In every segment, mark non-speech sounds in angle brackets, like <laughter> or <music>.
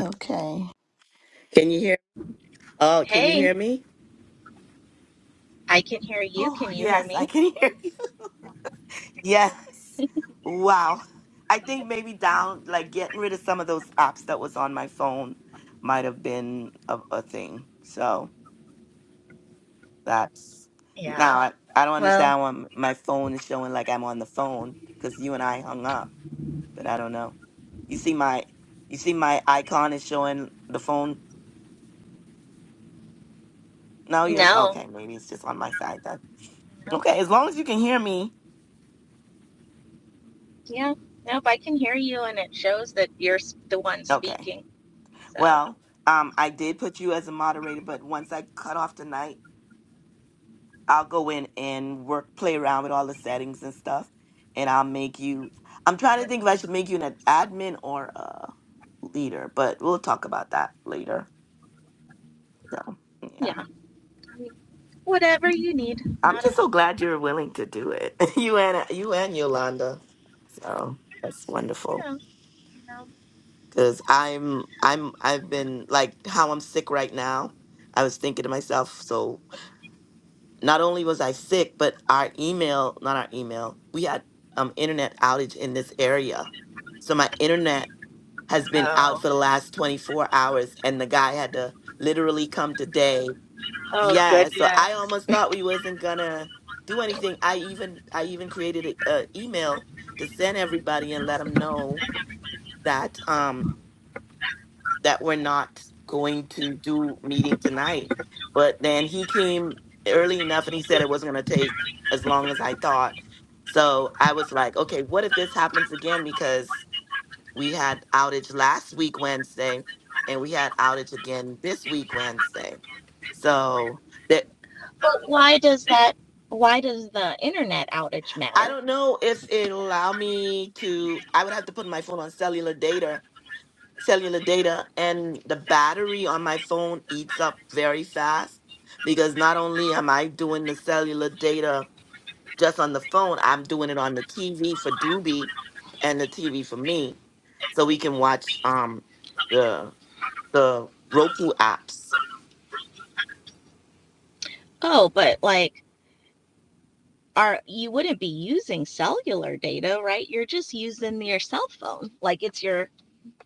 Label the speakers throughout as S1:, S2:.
S1: Okay. Can you hear? Oh, can you
S2: Hey,
S1: hear me?
S2: I can hear you.
S1: Oh,
S2: Can you hear
S1: yes, I
S2: me?
S1: can hear you. <laughs> Yes. Wow. I think maybe down, like getting rid of some of those apps that was on my phone might have been a, a thing. So that's now
S2: Yeah.
S1: I, I don't
S2: Well,
S1: understand why m- my phone is showing like I'm on the phone because you and I hung up, but I don't know. You see my you see my icon is showing the phone. No, you don't.
S2: no.
S1: Okay, maybe it's just on my side then.
S2: No.
S1: Okay, as long as you can hear me.
S2: Yeah. Nope, I can hear you, and it shows that you're s- the one
S1: Okay.
S2: speaking. So,
S1: Well, um, I did put you as a moderator, but once I cut off tonight, I'll go in and work, play around with all the settings and stuff, and I'll make you. I'm trying to think if I should make you an admin or a leader, but we'll talk about that later. So, yeah,
S2: yeah. I mean, whatever you need.
S1: I'm
S2: Not a,
S1: just so glad you're willing to do it, <laughs> you and you and Yolanda. So that's
S2: you
S1: wonderful
S2: know, no.
S1: because I'm I'm I've been like how I'm sick right now. I was thinking to myself, so not only was I sick, but our email, not our email, we had um internet outage in this area. So my internet has been out
S2: Oh,
S1: for the last 24 hours and the guy had to literally come today.
S2: oh,
S1: Yeah, so I
S2: goodness.
S1: almost thought we wasn't gonna do anything. I even I even created a, a email to send everybody and let them know that um that we're not going to do meeting tonight. But then he came early enough and he said it wasn't going to take as long as I thought. So I was like, okay, what if this happens again? Because we had outage last week, Wednesday, and we had outage again this week, Wednesday. So that
S2: But why does that, why does the internet outage
S1: I
S2: matter?
S1: don't know if it'll allow me to, I would have to put my phone on cellular data cellular data and the battery on my phone eats up very fast because not only am I doing the cellular data just on the phone, I'm doing it on the TV for Doobie and the TV for me. So we can watch um the the Roku apps.
S2: Oh, but like, are you wouldn't be using cellular data, right? You're just using your cell phone. Like, it's your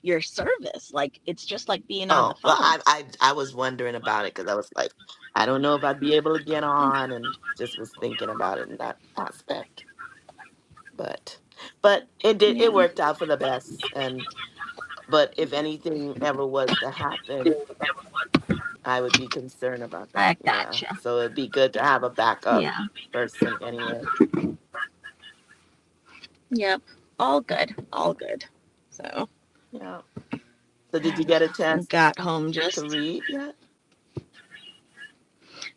S2: your service. Like it's just like being on the
S1: Oh, well
S2: phone.
S1: I I I was wondering about it because I was like, I don't know if I'd be able to get
S2: Oh,
S1: on and just was thinking about it in that aspect. But but it did it
S2: Yeah.
S1: worked out for the best and But if anything ever was to happen, I would be concerned about that.
S2: I
S1: Yeah.
S2: gotcha.
S1: So it'd be good to have a backup
S2: Yeah.
S1: person anyway.
S2: Yep. All good.
S1: Yeah.
S2: All good. So
S1: Yeah. So did you
S2: and
S1: get a
S2: I
S1: chance
S2: got home
S1: to
S2: just
S1: read yet?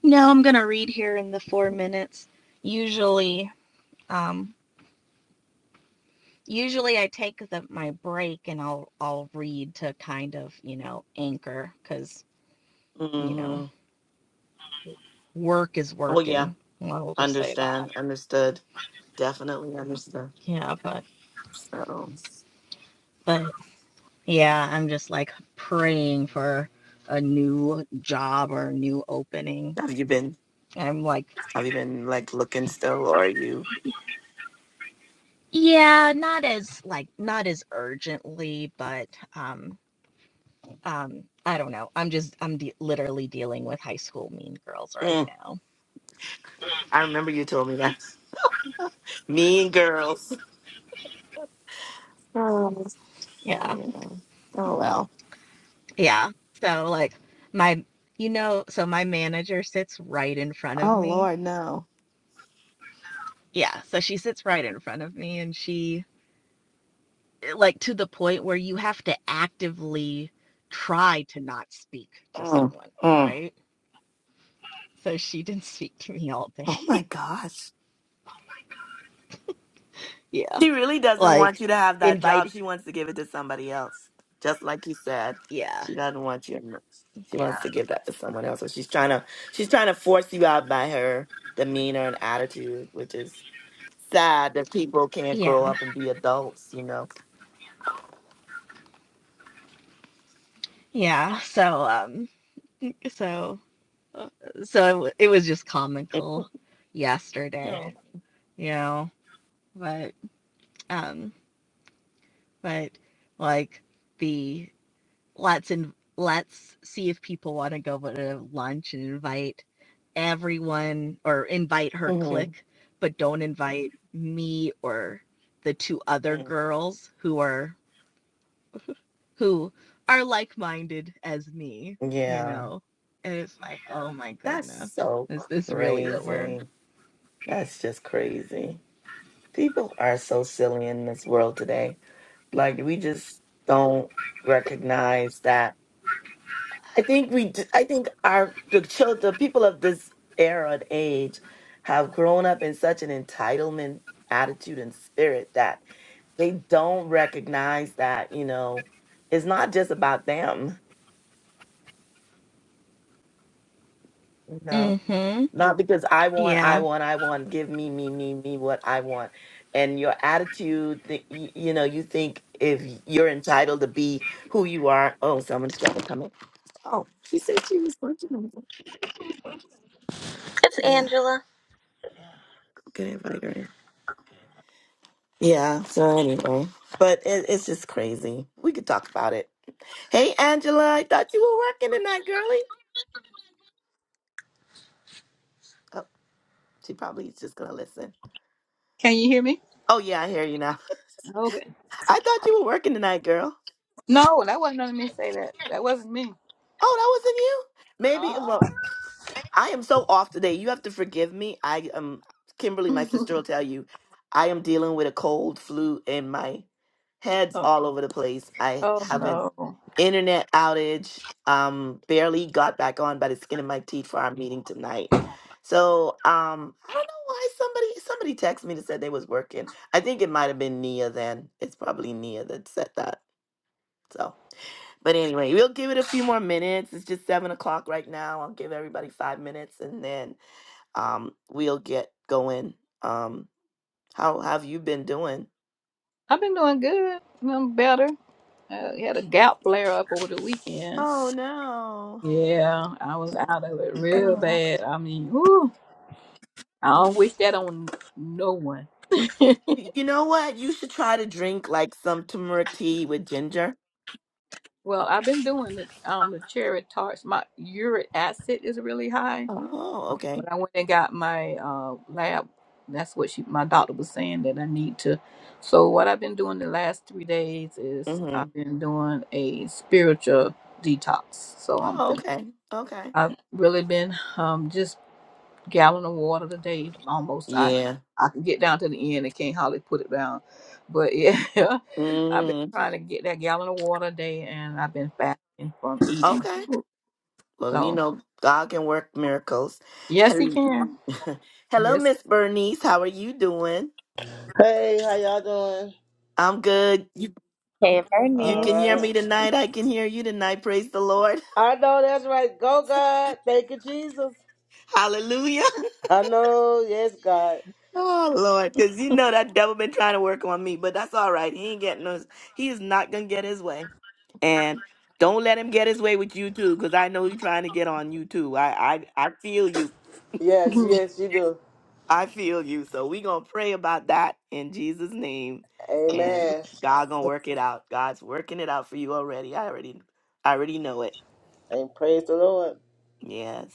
S2: no, I'm gonna read here in the four minutes. Usually, um usually I take the, my break and I'll I'll read to kind of, you know, anchor because, you know,
S1: Mm-hmm.
S2: work is
S1: Oh yeah.
S2: working. I'll just say that.
S1: Understand. Understood. Definitely understood.
S2: Yeah, but
S1: So
S2: but Yeah, I'm just like praying for a new job or a new opening.
S1: have you been
S2: I'm like,
S1: have you been like looking still or are you
S2: yeah, not as like not as urgently, but um um I don't know. I'm just I'm de- literally dealing with high school mean girls right
S1: Mm,
S2: now.
S1: I remember you told me that. <laughs> Mean girls. Oh,
S2: Yeah.
S1: yeah. Oh well.
S2: Yeah. So like my you know, so my manager sits right in front of
S1: Oh
S2: me.
S1: Lord, no.
S2: Yeah, so she sits right in front of me and she like to the point where you have to actively try to not speak to
S1: Mm,
S2: someone,
S1: mm.
S2: right? So she didn't speak to me all day.
S1: Oh
S2: <laughs>
S1: my gosh.
S2: Yeah.
S1: She really doesn't want
S2: Like
S1: you to have that
S2: invite
S1: job. She wants to give it to somebody else. Just like you said.
S2: yeah.
S1: She doesn't want you. She
S2: Yeah.
S1: wants to give that to someone else. So she's trying to she's trying to force you out by her demeanor and attitude, which is sad that people can't grow
S2: Yeah.
S1: up and be adults, you know.
S2: Yeah. So um so so it was just
S1: <laughs>
S2: comical yesterday,
S1: No.
S2: you know, but um but like the let's in, let's see if people want to go to lunch and invite everyone or invite her
S1: Mhm.
S2: clique, but don't invite me or the two other
S1: mm
S2: girls who are who are like-minded as me, you
S1: Yeah.
S2: know. And it's like, oh my
S1: That's
S2: goodness,
S1: so
S2: is this really what we're? <laughs>
S1: crazy. That's just crazy. People are so silly in this world today Like we just don't recognize that. I think we. d- I think our the children, the people of this era and age, have grown up in such an entitlement attitude and spirit that they don't recognize that you know it's not just about them you know
S2: Mm-hmm.
S1: not because i want i
S2: Yeah.
S1: want i want give me me me me what i want and your attitude that you, you know you think if you're entitled to be who you are oh someone's trying to come in Oh, she said she was working on it.
S2: It's
S1: Yeah, I'm
S2: Angela.
S1: gonna invite her in. Yeah, so anyway, but it, it's just crazy. We could talk about it. Hey, Angela, I thought you were working tonight, girlie. Oh, she probably is just gonna listen.
S3: Can you hear me?
S1: Oh, yeah, I hear you now.
S3: Okay.
S1: <laughs> I thought you were working tonight, girl.
S3: No, that wasn't none of me say that. That wasn't me.
S1: Oh, that wasn't you? Maybe, well,
S3: Uh
S1: I am so off today. You have to forgive me. I am
S3: uh
S1: Kimberly,
S3: <laughs>
S1: my sister will tell you, I am dealing with a cold, flu, and my head's
S3: oh,
S1: all over the place. I
S3: oh
S1: have an
S3: no.
S1: internet outage. Um, barely got back on by the skin of my teeth for our meeting tonight. So um, I don't know why somebody somebody texted me to said they was working. I think it might have been Nia. Then it's probably Nia that said that. So, but anyway, we'll give it a few more minutes. It's just seven o'clock right now. I'll give everybody five minutes, and then um, we'll get going. Um, how have you been doing?
S3: I've been doing good. I'm better. I had a gout flare up over the weekend.
S1: Oh no.
S3: Yeah, I was out of it real
S2: Oh.
S3: bad. I mean, whoo, I
S1: Yeah.
S3: don't wish that on no one. <laughs>
S1: Y- You know what? You should try to drink like some turmeric tea with ginger.
S3: well, I've been doing the um the cherry tarts. My uric acid is really high,
S1: Oh,
S3: When
S1: okay.
S3: I went and got my uh, lab, that's what she, my doctor was saying that I need to. So what I've been doing the last three days is
S1: Mm-hmm.
S3: I've been doing a spiritual detox. So I'm
S1: Oh,
S3: been,
S1: okay. Okay.
S3: I've really been um, just gallon of water a day almost. I
S1: Yeah.
S3: I can get down to the end and can't hardly put it down, but yeah, <laughs> I've been
S1: Mm,
S3: trying to get that gallon of water a day, and I've been fasting from eating.
S1: okay. Well, you
S3: So
S1: know, God can work miracles.
S3: yes, he
S1: Hel-
S3: can.
S1: <laughs> Hello,
S3: Yes.
S1: Miss Bernice. How are you doing?
S4: Hey, how y'all doing?
S1: I'm good. You you
S4: All
S1: can hear me
S4: right.
S1: tonight. I can hear you tonight. Praise the Lord.
S4: I know that's right. Go, God. Thank you, Jesus.
S1: <laughs> Hallelujah.
S4: I know. Yes, God.
S1: Oh Lord, because you know that devil been trying to work on me, but that's all right. He ain't getting no. He is not gonna get his way, and don't let him get his way with you too, because I know you're trying to get on you too. I I I feel you.
S4: Yes,
S3: <laughs>
S4: yes, you do.
S1: I feel you. So we gonna pray about that in Jesus' name, and
S4: Amen.
S1: God gonna work it out. God's working it out for you already. I already I already know it.
S4: And praise the Lord.
S1: Yes,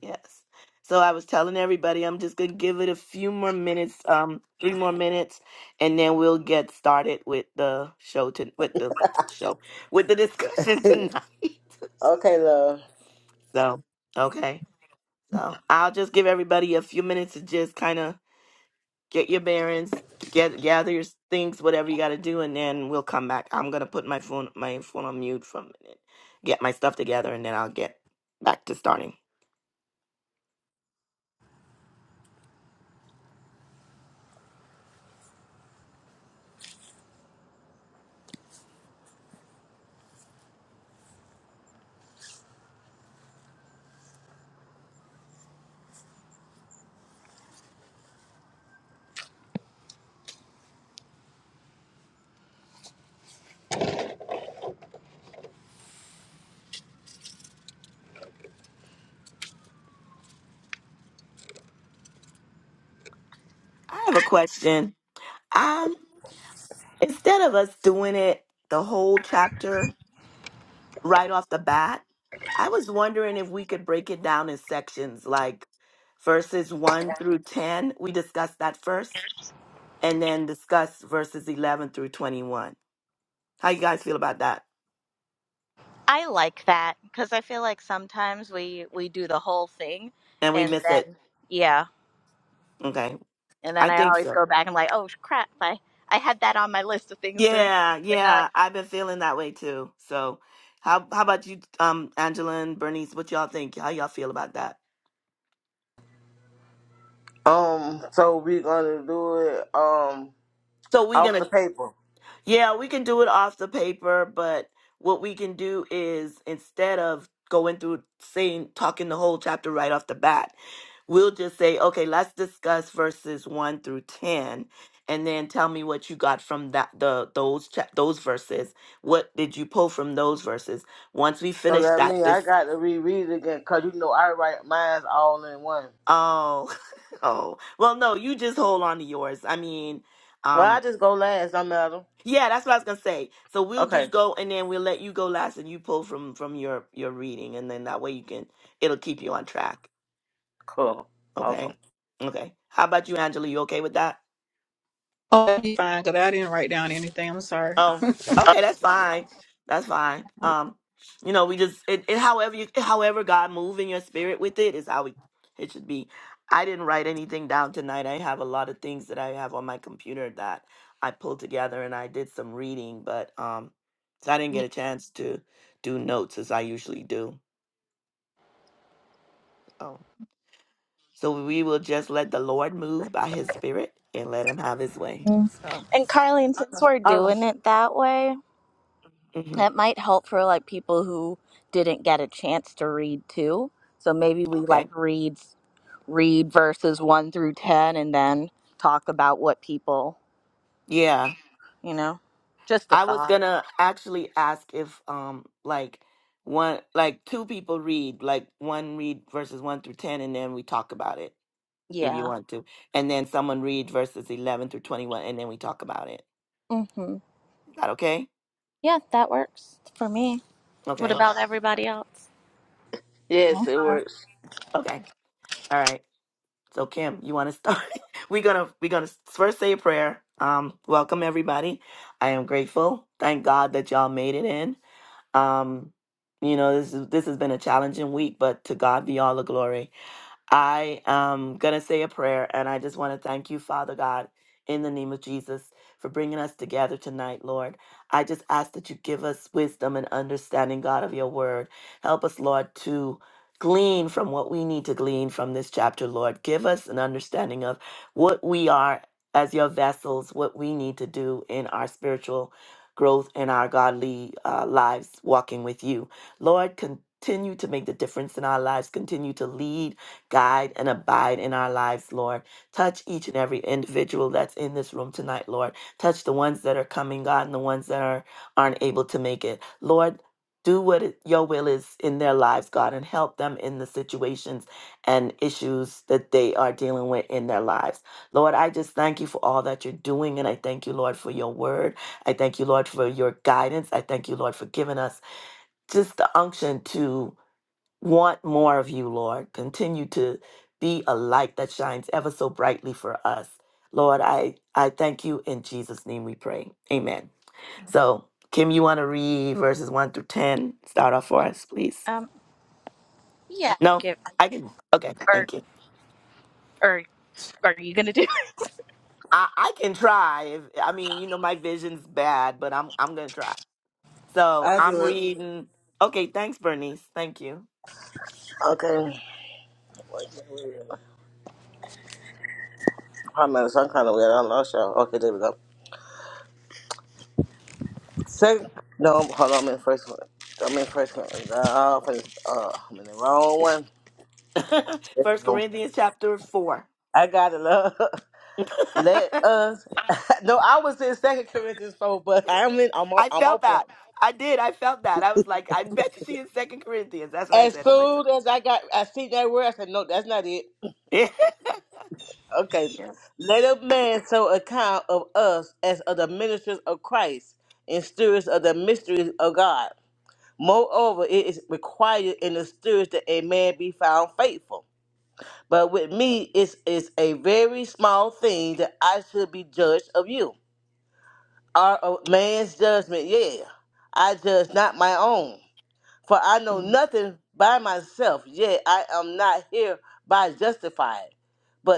S1: yes. So I was telling everybody I'm just gonna give it a few more minutes, um, three more minutes, and then we'll get started with the show to with the show with the discussion <laughs>
S4: <laughs>
S1: tonight.
S4: okay, love.
S1: So, okay. So I'll just give everybody a few minutes to just kind of get your bearings, get gather your things, whatever you got to do, and then we'll come back. I'm gonna put my phone my phone on mute for a minute, get my stuff together, and then I'll get back to starting. I have a question. Um, instead of us doing it the whole chapter right off the bat, I was wondering if we could break it down in sections, like verses 1 through 10. We discuss that first, and then discuss verses 11 through 21. How you guys feel about that?
S2: I like that because I feel like sometimes we we do the whole thing,
S1: And we
S2: and
S1: miss it.
S2: then yeah,
S1: Okay.
S2: and then
S1: I
S2: I
S1: think
S2: always
S1: so.
S2: go back and like, oh crap, I I had that on my list of things to
S1: Yeah,
S2: bring up.
S1: yeah. I've been feeling that way too. So how how about you, um, Angela and Bernice, what y'all think? How y'all feel about that?
S4: Um, so we gonna do it um
S1: So we're
S4: off
S1: gonna
S4: the paper.
S1: Yeah, we can do it off the paper, but what we can do is instead of going through saying talking the whole chapter right off the bat, we'll just say, okay, let's discuss verses one through ten, and then tell me what you got from that the those cha- those verses. What did you pull from those verses? Once we
S4: So
S1: finish
S4: that
S1: that,
S4: means I
S1: this
S4: got to reread it again, cause you know I write mine's all in one.
S1: oh <laughs> oh well, no, you just hold on to yours. I mean.
S4: Well,
S1: um.
S4: I just go last. I'm out.
S1: Yeah, that's what I was gonna say. So we'll just
S4: Okay,
S1: go and then we'll let you go last and you pull from from your your reading and then that way you can it'll keep you on track.
S4: cool, awesome.
S1: Okay? Okay. How about you, Angela? You okay with that?
S3: Oh, that'd be fine, because I didn't write down anything. I'm sorry.
S1: Um, okay, that's fine. That's fine. Um, you know, we just it, it however you however God move in your spirit with it is how we, it should be. I didn't write anything down tonight. I have a lot of things that I have on my computer that I pulled together and I did some reading, but um so I didn't
S3: Yeah.
S1: get a chance to do notes as I usually do. Um so we will just let the Lord move by his spirit and let him have his way. So
S2: And Carlene, since we're
S1: all right.
S2: doing it that way,
S1: Mm-hmm.
S2: that might help for like people who didn't get a chance to read too. So maybe we
S1: Okay.
S2: like read read verses one through ten, and then talk about what people
S1: Yeah.
S2: you know. Just a
S1: I was
S2: thought.
S1: gonna actually ask if um like one like two people read like one read verses one through ten and then we talk about it if you
S2: Yeah.
S1: want to and then someone read verses eleven through twenty one and then we talk about it.
S2: Mhm.
S1: Is that okay?
S2: Yeah, that works for me. What
S1: Okay.
S2: about everybody else?
S4: Yes, it works.
S1: Okay. All right. So Kim, you want to start? <laughs> we're gonna we're gonna first say a prayer. Um, welcome everybody. I am grateful. Thank God that y'all made it in. Um, you know this is this has been a challenging week, but to God be all the glory. I am going to say a prayer, and I just want to thank you, Father God, in the name of Jesus, for bringing us together tonight, Lord. I just ask that you give us wisdom and understanding, God, of your word. Help us, Lord, to glean from what we need to glean from this chapter, Lord. Give us an understanding of what we are as your vessels, what we need to do in our spiritual growth and our godly uh, lives walking with you. Lord, continue to make the difference in our lives, continue to lead guide and abide in our lives, Lord. Touch each and every individual that's in this room tonight, Lord. Touch the ones that are coming, God, and the ones that are aren't able to make it. Lord, do what it- your will is in their lives, God, and help them in the situations and issues that they are dealing with in their lives. Lord, I just thank you for all that you're doing, and I thank you, Lord, for your word. I thank you, Lord, for your guidance. I thank you, Lord, for giving us just the unction to want more of you, Lord. Continue to be a light that shines ever so brightly for us. Lord, I, I thank you. In Jesus' name we pray. Amen. So, Kim, you want to read verses 1 through 10? Start off for us, please.
S2: Um, yeah.
S1: No?
S2: Give
S1: I can. Okay,
S2: or
S1: thank you.
S2: or are you gonna do? it?
S1: I, I can try. If, I mean, you know, my vision's bad, but I'm, I'm going to try. So,
S4: I do
S1: I'm
S4: it.
S1: reading. Okay, thanks, Bernice. Thank you.
S4: Okay. Wait a minute, wait a minute. I'm some kind of weird. I lost y'all. Okay, there we go. Second, no, hold on. I'm in first one. I'm in first one. Uh, uh, I'm in the wrong one.
S1: <laughs>
S4: There we
S1: First
S4: go.
S1: Corinthians chapter 4.
S4: I got it. Love. <laughs> Let us. <laughs> no, I was in Second Corinthians four, but
S1: <laughs>
S4: I'm in. I'm on.
S1: I
S4: I'm on
S1: felt that.
S4: point.
S1: I did. I felt that. I was like, I bet you she in Second Corinthians. That's what I
S4: As
S1: said to myself.
S4: soon as I got, I see that word. I said, no, that's not it.
S1: <laughs> yeah.
S4: Okay.
S1: Yeah.
S4: Let a man so account of us as of the ministers of Christ and stewards of the mysteries of God. Moreover, it is required in the spirits that a man be found faithful. But with me, it is a very small thing that I should be judged of you. Are of man's judgment, yea. I judge not my own. For I know
S1: Mm,
S4: nothing by myself, yet I am not hereby justified.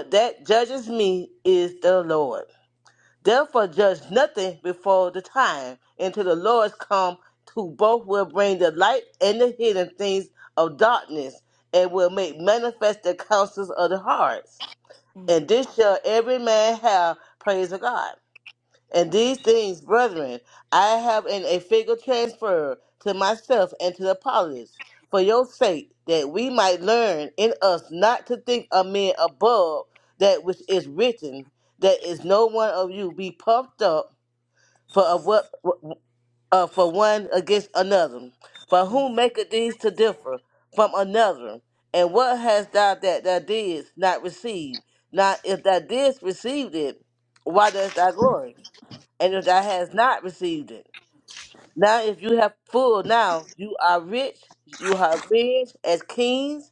S1: mm,
S4: that judges me is the Lord. Therefore, judge nothing before the time until the Lord come, who both will bring the light and the hidden things of darkness, and will
S1: mm,
S4: make manifest the counsels of the hearts.
S1: mm.
S4: And this shall every man have praise of God. And
S1: Amen.
S4: these things, brethren, I have in a figure transferred to myself and to Apollos, for your sake, that we might learn in us not to think of men above that which is written, that is no one of you be puffed up for of what uh, for one against another. For
S1: Mm.
S4: who maketh these to differ from another? And what hast thou that thou didst not receive? Now, if thou didst receive it, why dost thou glory? And if thou hast not received it, now if you have full, now you are rich, you are rich as kings,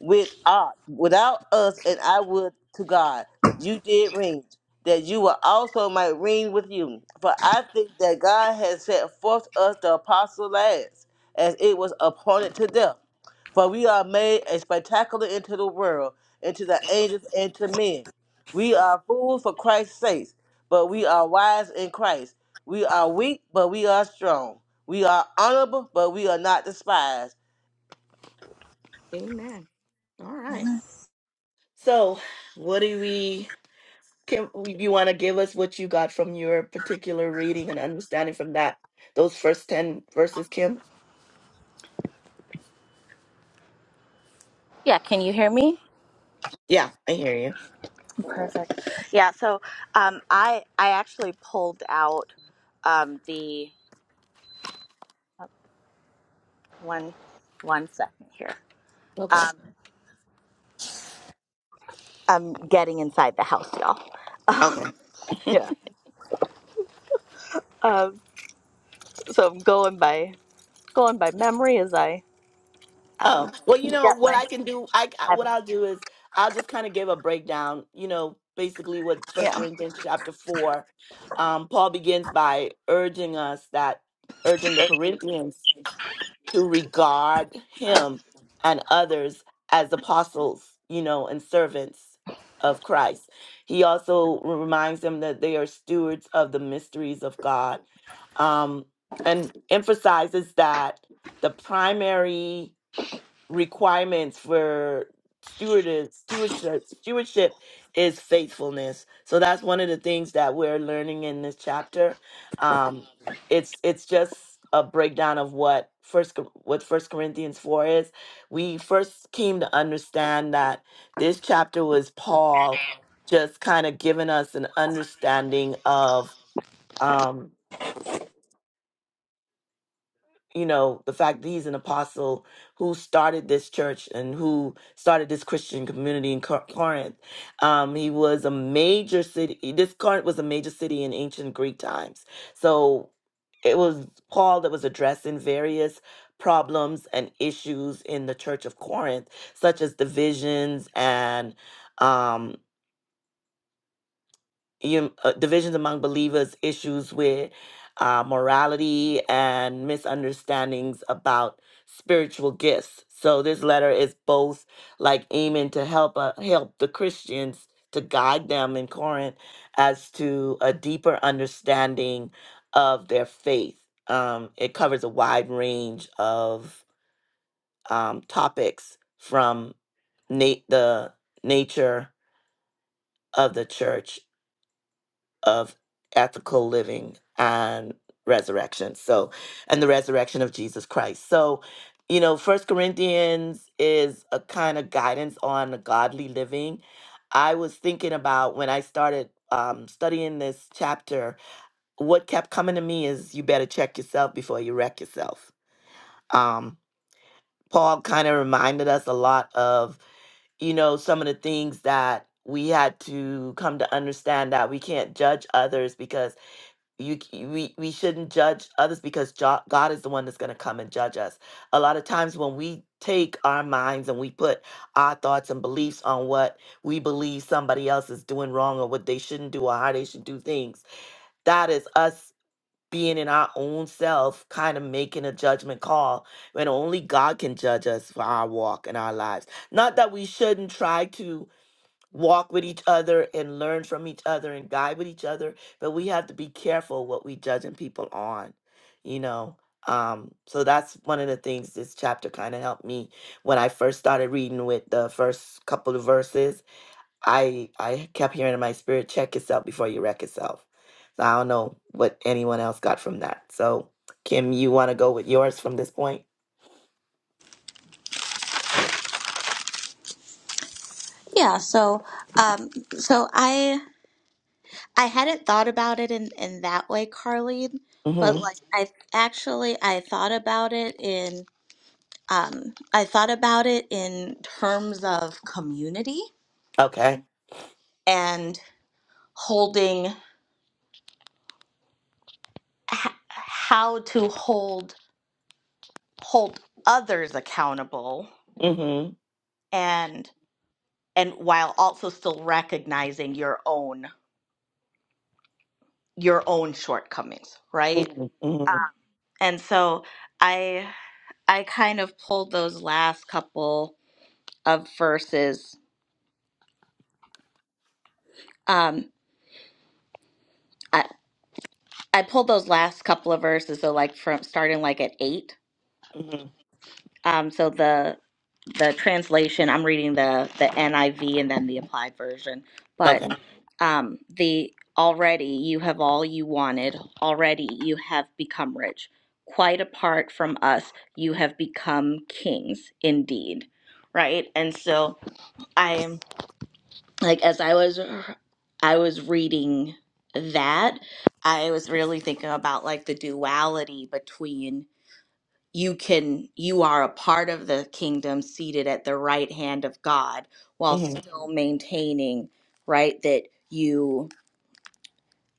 S4: with uh, without us and I would to God. You did reign, that you will also might reign with you. For I think that God has set forth us the apostle last, as it was appointed to death. For we are made a spectacular into the world, and to the angels and to men. We are fools for Christ's sake, but we are wise in Christ. We are weak, but we are strong. We are honorable, but we are not despised.
S1: Amen. All right.
S3: Amen.
S1: So, what do we? Can you want to give us what you got from your particular reading and understanding from that? Those first ten verses, Kim.
S2: Yeah. Can you hear me?
S1: Yeah, I hear you.
S2: Perfect. Yeah. So, um, I I actually pulled out, um, the one one second here.
S1: Okay.
S2: Um, I'm getting inside the house, y'all. <laughs>
S1: Okay.
S2: yeah. Um, so I'm going by going by memory as I
S1: Oh,
S2: um
S1: well, you know
S2: get
S1: what
S2: my
S1: I can do, I I- what
S2: Bible.
S1: I'll do is I'll just kind of give a breakdown, you know, basically what First
S2: Yeah.
S1: Corinthians chapter 4. Um Paul begins by urging us that urging the Corinthians to regard him and others as apostles, you know, and servants of Christ. He also reminds them that they are stewards of the mysteries of God. Um and emphasizes that the primary requirements for stewardess stewardship stewardship is faithfulness so that's one of the things that we're learning in this chapter um it's it's just a breakdown of what first Cor- what first corinthians 4 is we first came to understand that this chapter was paul just kind of giving us an understanding of um you know the fact that he's an apostle who started this church and who started this christian community in Cor- corinth um he was a major city this corinth was a major city in ancient greek times so it was paul that was addressing various problems and issues in the church of corinth such as divisions and um you, uh, divisions among believers, issues with uh, morality, and misunderstandings about spiritual gifts. So this letter is both like aiming to help uh, help the Christians to guide them in Corinth as to a deeper understanding of their faith. Um, it covers a wide range of um, topics from na- the nature of the church of ethical living and resurrection. So, and the resurrection of Jesus Christ. So, you know, First Corinthians is a kind of guidance on godly living. I was thinking about when I started um, studying this chapter, what kept coming to me is you better check yourself before you wreck yourself. Um, Paul kind of reminded us a lot of, you know, some of the things that we had to come to understand that we can't judge others because you c- we we shouldn't judge others because jo- God is the one that's going to come and judge us. A lot of times when we take our minds and we put our thoughts and beliefs on what we believe somebody else is doing wrong or what they shouldn't do or how they should do things, that is us being in our own self kind of making a judgment call when only God can judge us for our walk and our lives. Not that we shouldn't try to walk with each other and learn from each other and guide with each other but we have to be careful what we judging people on you know um so that's one of the things this chapter kind of helped me when i first started reading with the first couple of verses i i kept hearing in my spirit check yourself before you wreck yourself so i don't know what anyone else got from that so kim you want to go with yours from this point
S2: Yeah. So, um, so I. I hadn't thought about it in, in that way, Carlene,
S1: hmm
S2: but like I actually I thought about it in um, I thought about it in terms of community
S1: okay
S2: and holding h- how to hold hold others accountable
S1: mm-hmm
S2: and and while also still recognizing your own your own shortcomings, right?
S1: hmm hmm
S2: And so I I kind of pulled those last couple of verses. Um, I, I pulled those last couple of verses, so like from starting like at eight.
S1: hmm
S2: Um, so the the translation I'm reading the the NIV and then the Applied Version, but
S1: okay
S2: um, the already you have all you wanted, already you have become rich. Quite apart from us, you have become kings indeed, right? And so I am like as I was I was reading that, I was really thinking about like the duality between you can you are a part of the kingdom seated at the right hand of God while
S1: mm-hmm.
S2: still maintaining right that you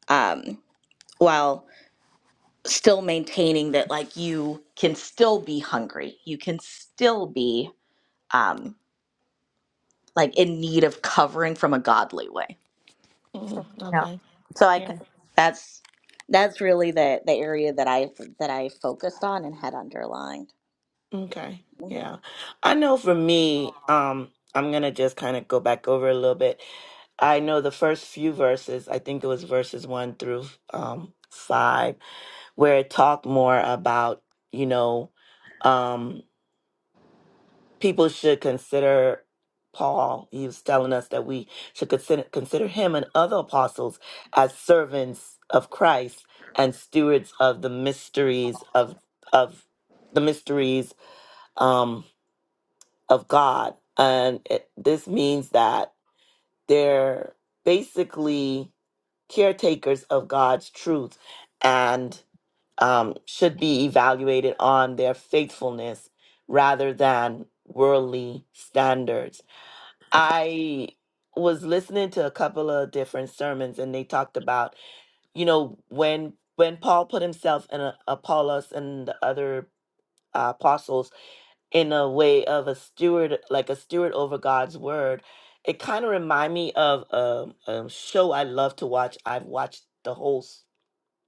S2: um while still maintaining that like you can still be hungry you can still be um like in need of covering from a godly way
S1: Mm-hmm.
S2: Yeah.
S1: Okay.
S2: So I
S1: Yeah.
S2: c- that's that's really the the area that I that I focused on and had underlined.
S1: Okay. Yeah. I know for me, um, I'm gonna just kind of go back over a little bit. I know the first few verses, I think it was verses one through um five, where it talked more about, you know, um people should consider Paul. He was telling us that we should consider consider him and other apostles as servants of Christ and stewards of the mysteries of of the mysteries. Um of God. And it, this means that they're basically caretakers of God's truth and um, should be evaluated on their faithfulness rather than worldly standards. I was listening to a couple of different sermons and they talked about, you know, when when Paul put himself and uh, Apollos and the other uh, apostles in a way of a steward, like a steward over God's word. It kind of remind me of um, a show I love to watch. I've watched the whole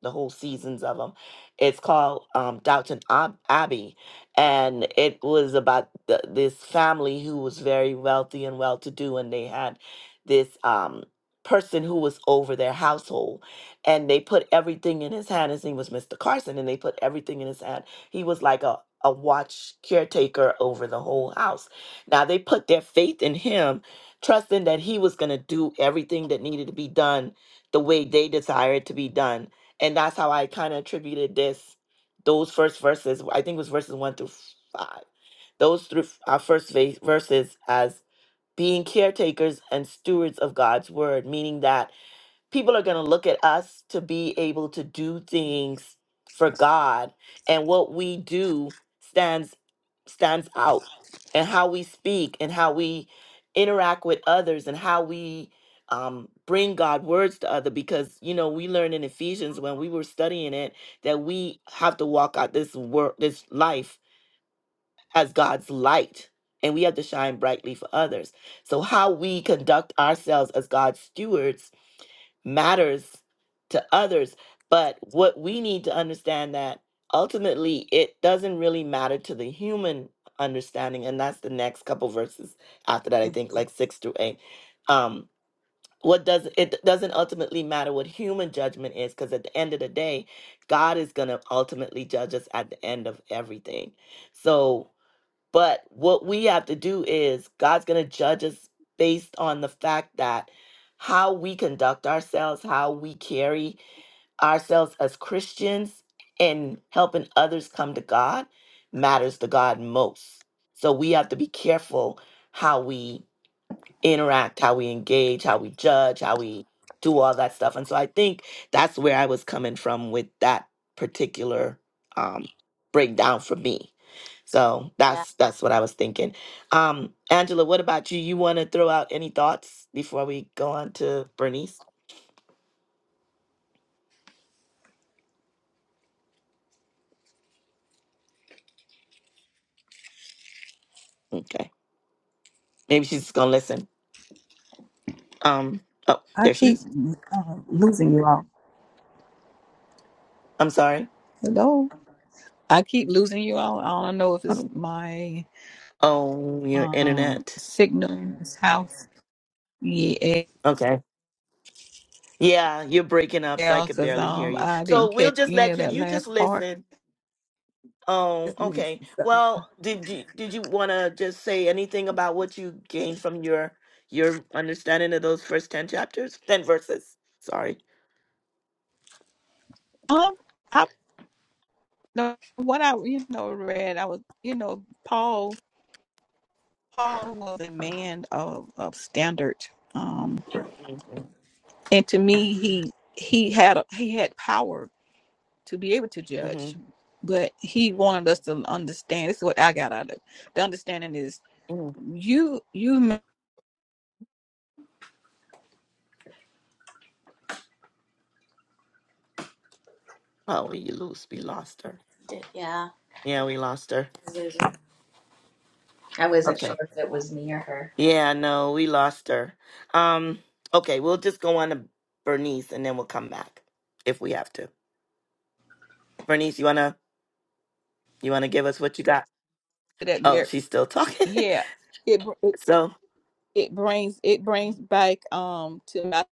S1: the whole seasons of them. It's called um, Downton Ab- Abbey, and it was about the, this family who was very wealthy and well-to-do, and they had this um, person who was over their household, and they put everything in his hand. His name was Mr. Carson, and they put everything in his hand. He was like a a watch caretaker over the whole house. Now they put their faith in him, trusting that he was going to do everything that needed to be done the way they desired to be done and that's how I kind of attributed this, those first verses. I think it was verses one through five. Those three our first va- verses as being caretakers and stewards of God's word, meaning that people are going to look at us to be able to do things for God and what we do stands stands out and how we speak and how we interact with others and how we um, bring God words to other because you know we learn in Ephesians when we were studying it that we have to walk out this work this life as God's light and we have to shine brightly for others so how we conduct ourselves as God's stewards matters to others. But what we need to understand that ultimately it doesn't really matter to the human understanding, and that's the next couple verses after that, I think, like six through eight. Um, what does it doesn't ultimately matter what human judgment is, because at the end of the day, God is gonna ultimately judge us at the end of everything. So but what we have to do is God's going to judge us based on the fact that how we conduct ourselves, how we carry ourselves as Christians, and helping others come to God matters to God most. So we have to be careful how we interact, how we engage, how we judge, how we do all that stuff. And so I think that's where I was coming from with that particular um, breakdown for me. So
S2: Yeah.
S1: that's that's what I was thinking. Um, Angela, what about you? You want to throw out any thoughts before we go on to Bernice? Okay, maybe she's gonna listen. Um, oh,
S3: I
S1: there she
S3: keep
S1: is.
S3: uh, losing you all.
S1: I'm sorry.
S3: Hello. I keep losing you all. I don't know if it's
S1: Um,
S3: my
S1: Oh, your
S3: um
S1: internet.
S3: signal in this house. Yeah,
S1: Okay. Yeah, you're breaking up, so I could
S3: because
S1: barely hear
S3: um
S1: you.
S3: I didn't
S1: So we'll
S3: catch
S1: just
S3: any
S1: let
S3: of
S1: you.
S3: that
S1: You just
S3: last part.
S1: listen. Oh,
S3: It's me,
S1: okay.
S3: sister.
S1: Well, did you did you want to just say anything about what you gained from your your understanding of those first 10 chapters? 10 verses. Sorry.
S3: Um, I no, what I you know read, I was you know Paul. Paul was a man of of standard. Um,
S1: Mm-hmm.
S3: and to me, he he had he had power to be able to judge.
S1: Mm-hmm.
S3: But he wanted
S1: Mm-hmm.
S3: us to understand. This is what I got out of it. The understanding is
S1: mm-hmm.
S3: you you made
S1: Oh, we lose. We lost her.
S2: d- Yeah.
S1: Yeah, we lost her.
S2: I wasn't I wasn't
S1: Okay.
S2: sure if it was me or her.
S1: Yeah, no, we lost her. Um, okay, we'll just go on to Bernice and then we'll come back if we have to. Bernice, you wanna you wanna give us what you got?
S3: that
S1: Oh,
S3: mar-
S1: she's still talking. <laughs>
S3: yeah it, it
S1: so
S3: it brings it brings back um to my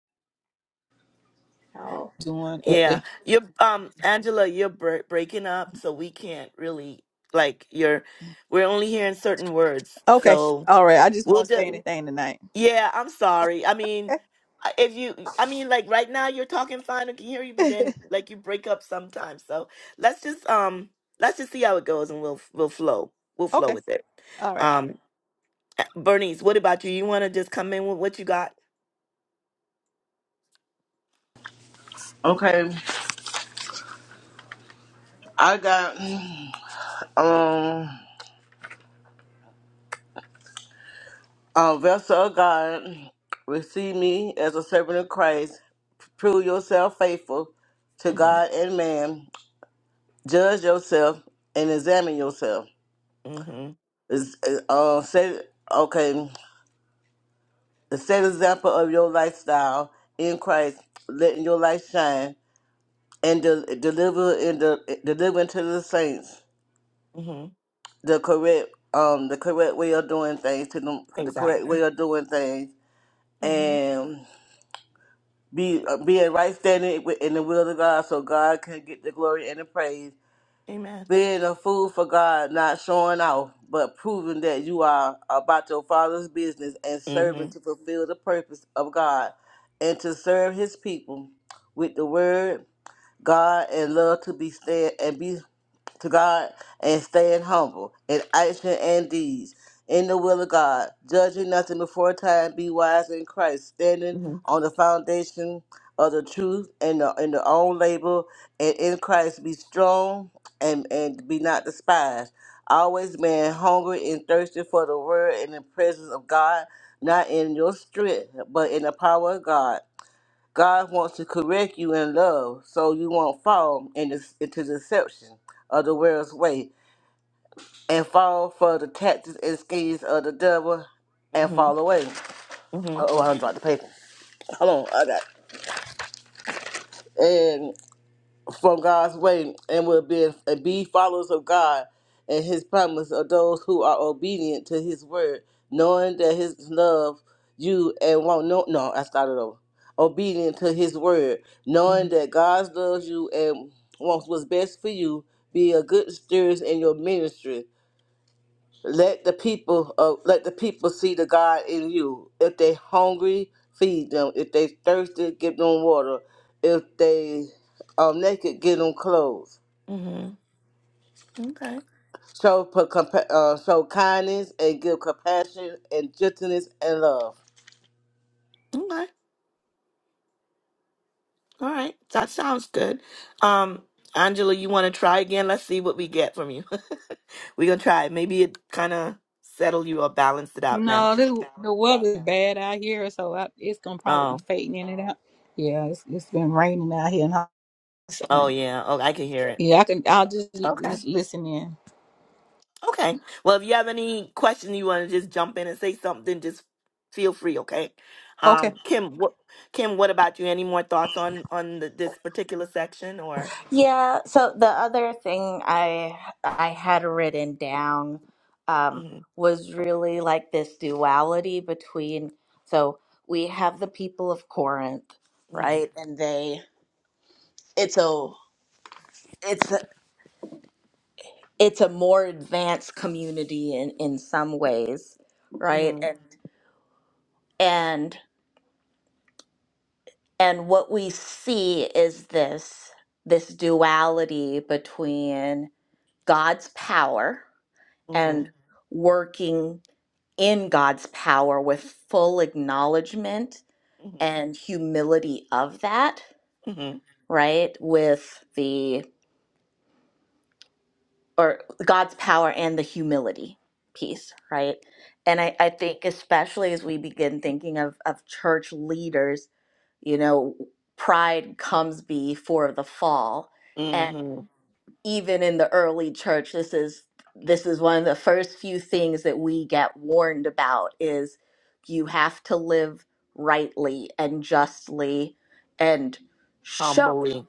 S3: doing it
S1: yeah,
S3: there.
S1: you're um Angela, you're bre- breaking up, so we can't really like you're. We're only hearing certain words,
S3: okay
S1: so
S3: all right I just
S1: we'll
S3: won't say
S1: just
S3: anything tonight
S1: Yeah, I'm sorry. I mean, I- if you, I mean, like right now you're talking fine, I can hear you, but
S3: okay
S1: then
S3: <laughs>
S1: like you break up sometimes. So let's just um, let's just see how it goes, and we'll we'll flow, we'll flow
S3: okay
S1: with it.
S3: all right
S1: Um, uh, Bernice, what about you? You want to just come in with what you got?
S4: Okay, I got. Um, uh, vessel of God, receive me as a servant of Christ. Prove yourself faithful to
S1: Mm-hmm.
S4: God and man. Judge yourself and examine yourself.
S1: Mm-hmm.
S4: Is- is- Uh, set, okay, the set example of your lifestyle in Christ, letting your light shine and de- deliver in the delivering to the saints
S1: Mm-hmm.
S4: the correct um the correct way of doing things to them the correct way
S1: Exactly.
S4: of doing things
S1: Mm-hmm.
S4: be uh, be in right standing wi- in the will of God, so God can get the glory and the praise.
S1: Amen.
S4: Being a fool for God, not showing off, but proving that you are about your Father's business and serving to
S1: Mm-hmm.
S4: fulfill the purpose of God and to serve His people with the Word, God, and love to be stand and be to God and staying humble in action and deeds, in the will of God, judging nothing before time, be wise in Christ, standing on the foundation of the truth and the, and the own label, and in Christ be strong and, and be not despised. Always being hungry and thirsty for the word and the presence of God, not in your strength, but in the power of God God wants to correct you in love so you won't fall in this, into deception of the world's way and fall for the tactics and schemes of the devil and
S1: Mm-hmm.
S4: fall away.
S1: Mm-hmm.
S4: Oh, I dropped the paper. Hold on, I got it. from God's way and will be and be followers of God and His promise of those who are obedient to His word, knowing that His love you and won't know. No, I started over. Obedient to His word,
S1: Mm-hmm.
S4: knowing that God loves you and wants what's best for you. Be a good steward in your ministry let the people uh, let the people see the God in you. If they hungry, feed them. If they thirsty, give them water. If they are naked, give them clothes.
S1: Mm-hmm. Okay.
S4: Show per- compa- uh, show kindness and give compassion and gentleness and love.
S1: Okay. All right, that sounds good. Um, Angela, you want to try again? Let's see what we get from you. <laughs> We're gonna try. it. Maybe it kind of settled you or balanced it out now.
S3: no this the weather's bad out here so I, it's gonna probably be
S1: Oh,
S3: fading in and out yeah it's, it's been raining out here and I,
S1: oh
S3: so,
S1: yeah. Oh, I can hear it.
S3: yeah I can I'll just
S1: Okay,
S3: just listen in
S1: okay. Well, if you have any question, you want to just jump in and say something, just feel free. Okay.
S3: okay.
S1: Um, Kim, what Kim, what about you? Any more thoughts on on the, this particular section or?
S2: Yeah, so the other thing I I had written down um,
S1: hmm
S2: was really like this duality between so we have the people of Corinth,
S1: hmm
S2: right? And they it's a it's a, it's a more advanced community in in some ways, right?
S1: hmm
S2: And and and what we see is this this duality between God's power
S1: hmm
S2: and working in God's power with full acknowledgement and humility of that,
S1: hmm
S2: right? With the, or God's power and the humility piece, right? And I, I think, especially as we begin thinking of, of church leaders, you know, pride comes before the fall.
S1: hmm
S2: even in the early church this is this is one of the first few things that we get warned about is you have to live rightly and justly and show
S1: Humbly,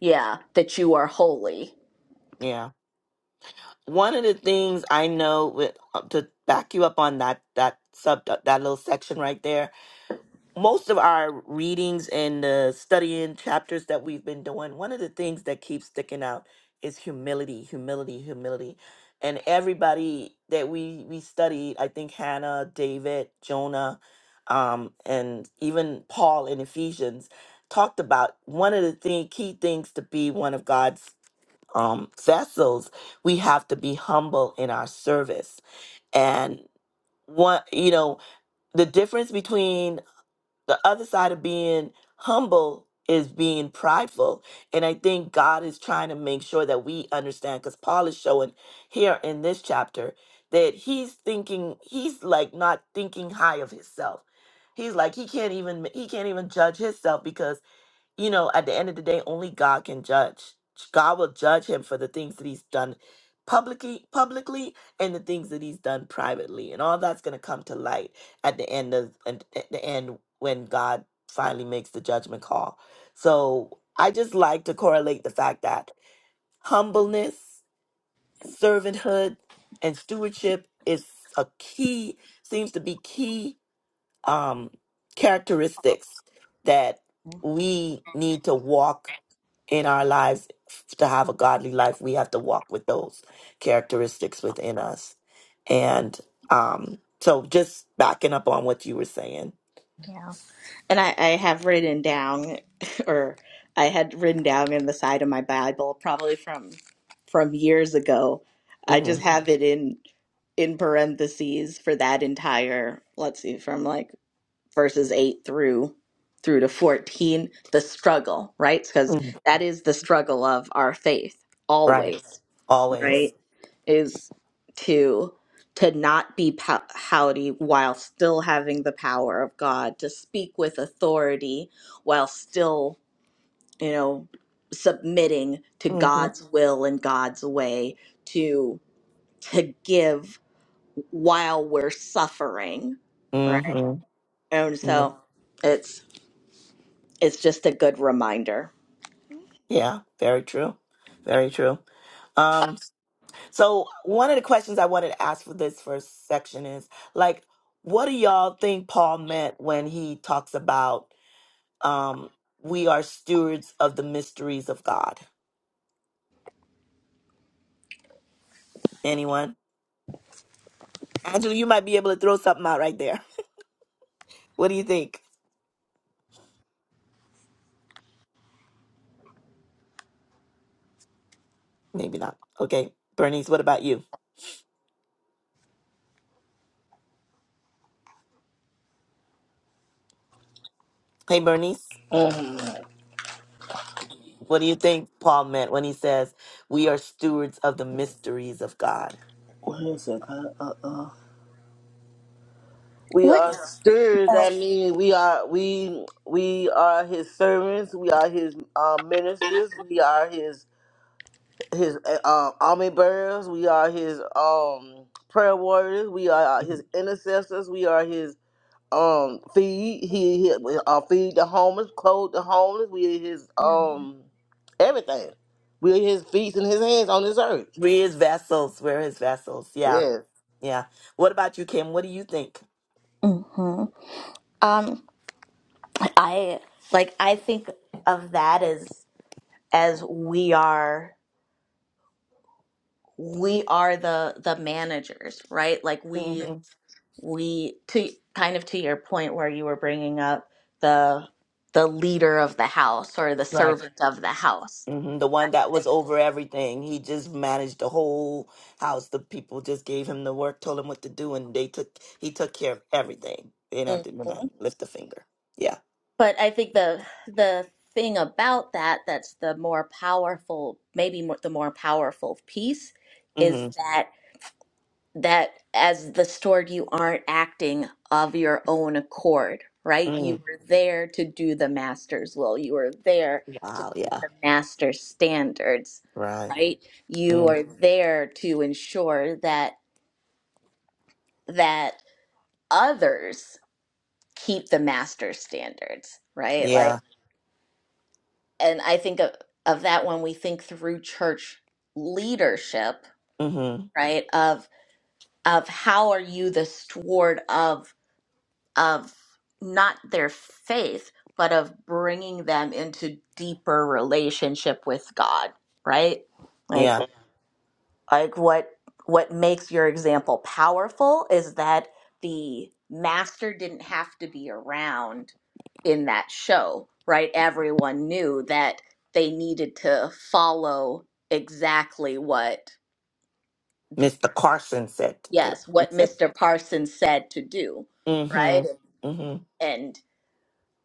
S2: yeah that you are holy
S1: yeah. one of the things I know with uh, to back you up on that that sub that little section right there. Most of our readings and the studying chapters that we've been doing, one of the things that keeps sticking out is humility, humility, humility. And everybody that we we studied, I think Hannah, David, Jonah, um, and even Paul in Ephesians talked about one of the thing, key things to be one of God's um, vessels, we have to be humble in our service. And one, you know, the difference between the other side of being humble is being prideful. And I think God is trying to make sure that we understand, because Paul is showing here in this chapter that he's thinking, he's like not thinking high of himself. He's like he can't even he can't even judge himself because you know, at the end of the day, only God can judge. God will judge him for the things that he's done publicly publicly and the things that he's done privately. And all that's gonna come to light at the end of at at the end when God finally makes the judgment call. So I just like to correlate the fact that humbleness, servanthood, and stewardship is a key seems to be key um characteristics that we need to walk in our lives to have a godly life we have to walk with those characteristics within us and um so just backing up on what you were saying
S2: Yeah. and i, I have written down <laughs> or i had written down in the side of my bible probably from from years ago i
S1: hmm
S2: just have it in in parentheses for that entire let's see from like verses 8 through through to 14 the struggle right because
S1: hmm
S2: that is the struggle of our faith
S1: right
S2: always
S1: always
S2: right is to to not be pow- howdy while still having the power of god to speak with authority while still you know submitting to
S1: hmm
S2: god's will and god's way to to give while we're suffering right
S1: hmm
S2: and so it's It's just a good reminder.
S1: yeah very true very true um So one of the questions I wanted to ask for this first section is like, what do y'all think Paul meant when he talks about um, we are stewards of the mysteries of God? Anyone? Angela, you might be able to throw something out right there. <laughs> What do you think? Maybe not. Okay, Bernice, what about you? Hey, Bernice, what do you think Paul meant when he says we are stewards of the mysteries of God?
S4: What is it? Uh, uh, uh. We are stirred. That means we are we we are his servants. We are his uh, ministers. We are his his uh, um, army bearers. We are his um prayer warriors. We are uh,
S1: Mhm.
S4: his intercessors. We are his um feed. He, he uh, feed the homeless, clothe the homeless. We are his
S1: Yeah.
S4: um everything. We are his feet and his hands on this earth.
S1: We're his vessels. We're his vessels. Yeah,
S4: Yes.
S1: yeah. What about you, Kim? What do you think?
S2: hmm Um, I like I think of that as as we are we are the the managers, right? Like we
S1: hmm
S2: we to kind of to your point where you were bringing up the the leader of the house or the
S1: Right.
S2: servant of the house,
S1: hmm The one
S2: right?
S1: that was
S2: That-
S1: over everything. He just managed the whole house. The people just gave him the work, told him what to do, and they took he took care of everything. They didn't have to do nothing,
S2: mhm.
S1: lift a finger. Yeah.
S2: But I think the the thing about that that's the more powerful, maybe more, the more powerful piece is
S1: hmm
S2: that that as the stored you aren't acting of your own accord right you
S1: mm
S2: were there to do the master's will you were there to
S1: Wow.
S2: keep
S1: Yeah.
S2: the master's standards
S1: Right.
S2: right you
S1: Mm.
S2: are Mhm. there to ensure that that others keep the master's standards right like
S1: Yeah.
S2: and i think of, of that when we think through church leadership
S1: hmm
S2: right of of how are you the steward of of not their faith, but of bringing them into deeper relationship with God, right? Like
S1: Yeah.
S2: like what what makes your example powerful is that the master didn't have to be around in that show, right? Everyone knew that they needed to follow exactly what th-
S1: Mr. Carson said to do.
S2: yes, what
S1: <laughs>
S2: Mr. Parsons said to do,
S1: hmm
S2: right?
S1: hmm
S2: And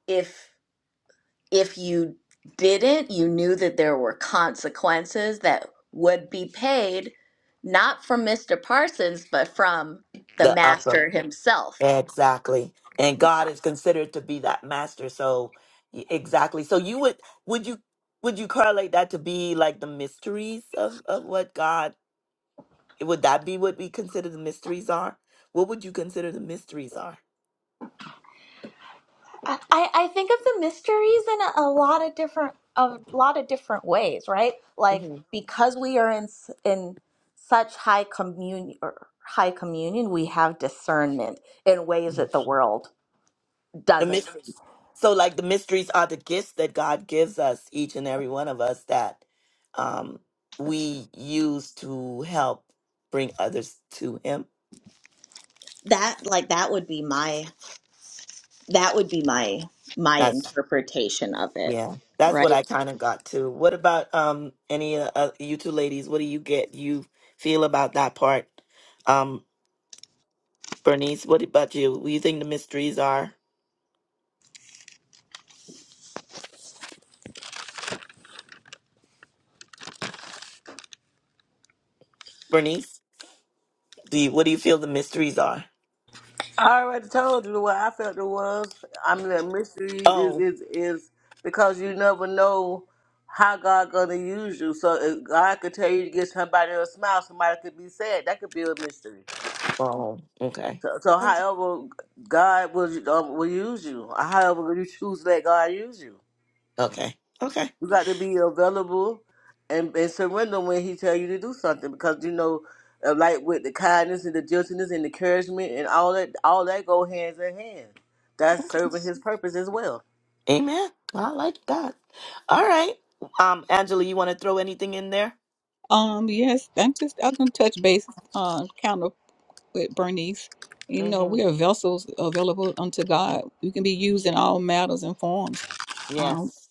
S2: if if you didn't, you knew that there were consequences that would be paid not from Mr. Parsons, but from the
S1: The upper
S2: master himself.
S1: Exactly. And God is considered to be that master. So y- exactly. So you would would you would you correlate that to be like the mysteries of, of what God would that be what we consider the mysteries are? What would you consider the mysteries are?
S2: I, I I think of the mysteries in a, a lot of different a lot of different ways, right? Like
S1: hmm
S2: because we are in s- in such high communion or high communion, we have discernment in ways that the world
S1: The
S2: doesn't
S1: mys-
S2: see.
S1: so like the mysteries are the gifts that God gives us, each and every one of us that um we use to help bring others to him.
S2: That like that would be my That would be my my interpretation of it,
S1: Yeah, that's what
S2: right?
S1: I kind of got to. What about um any uh, uh, you two ladies? What do you get? You feel about that part? Um, Bernice, what about you? What do you think the mysteries are? Bernice, do you, what do you feel the mysteries are?
S4: I already told you what I felt it was. I mean, that mysteries is
S1: Oh,
S4: is is because you never know how God gonna use you. So if God could tell you to get somebody to smile, somebody could be sad. That could be a mystery.
S1: oh, okay,
S4: So, so
S1: okay,
S4: however God will um, will use you, however you choose to let God use you,
S1: okay, okay.
S4: you got to be available and, and surrender when He tell you to do something because you know, uh, like with the kindness and the gentleness and encouragement and all that, all that go hands in hand. That's
S1: okay.
S4: serving His purpose as well.
S1: Amen. Well, I like that. All right, um, Angela, you want to throw anything in there?
S3: Um, yes, I'm just I'm gonna touch base uh kind of with Bernice. You know,
S1: Mm-hmm.
S3: we are vessels available unto God. We can be used in all matters and forms. Um,
S1: Yes.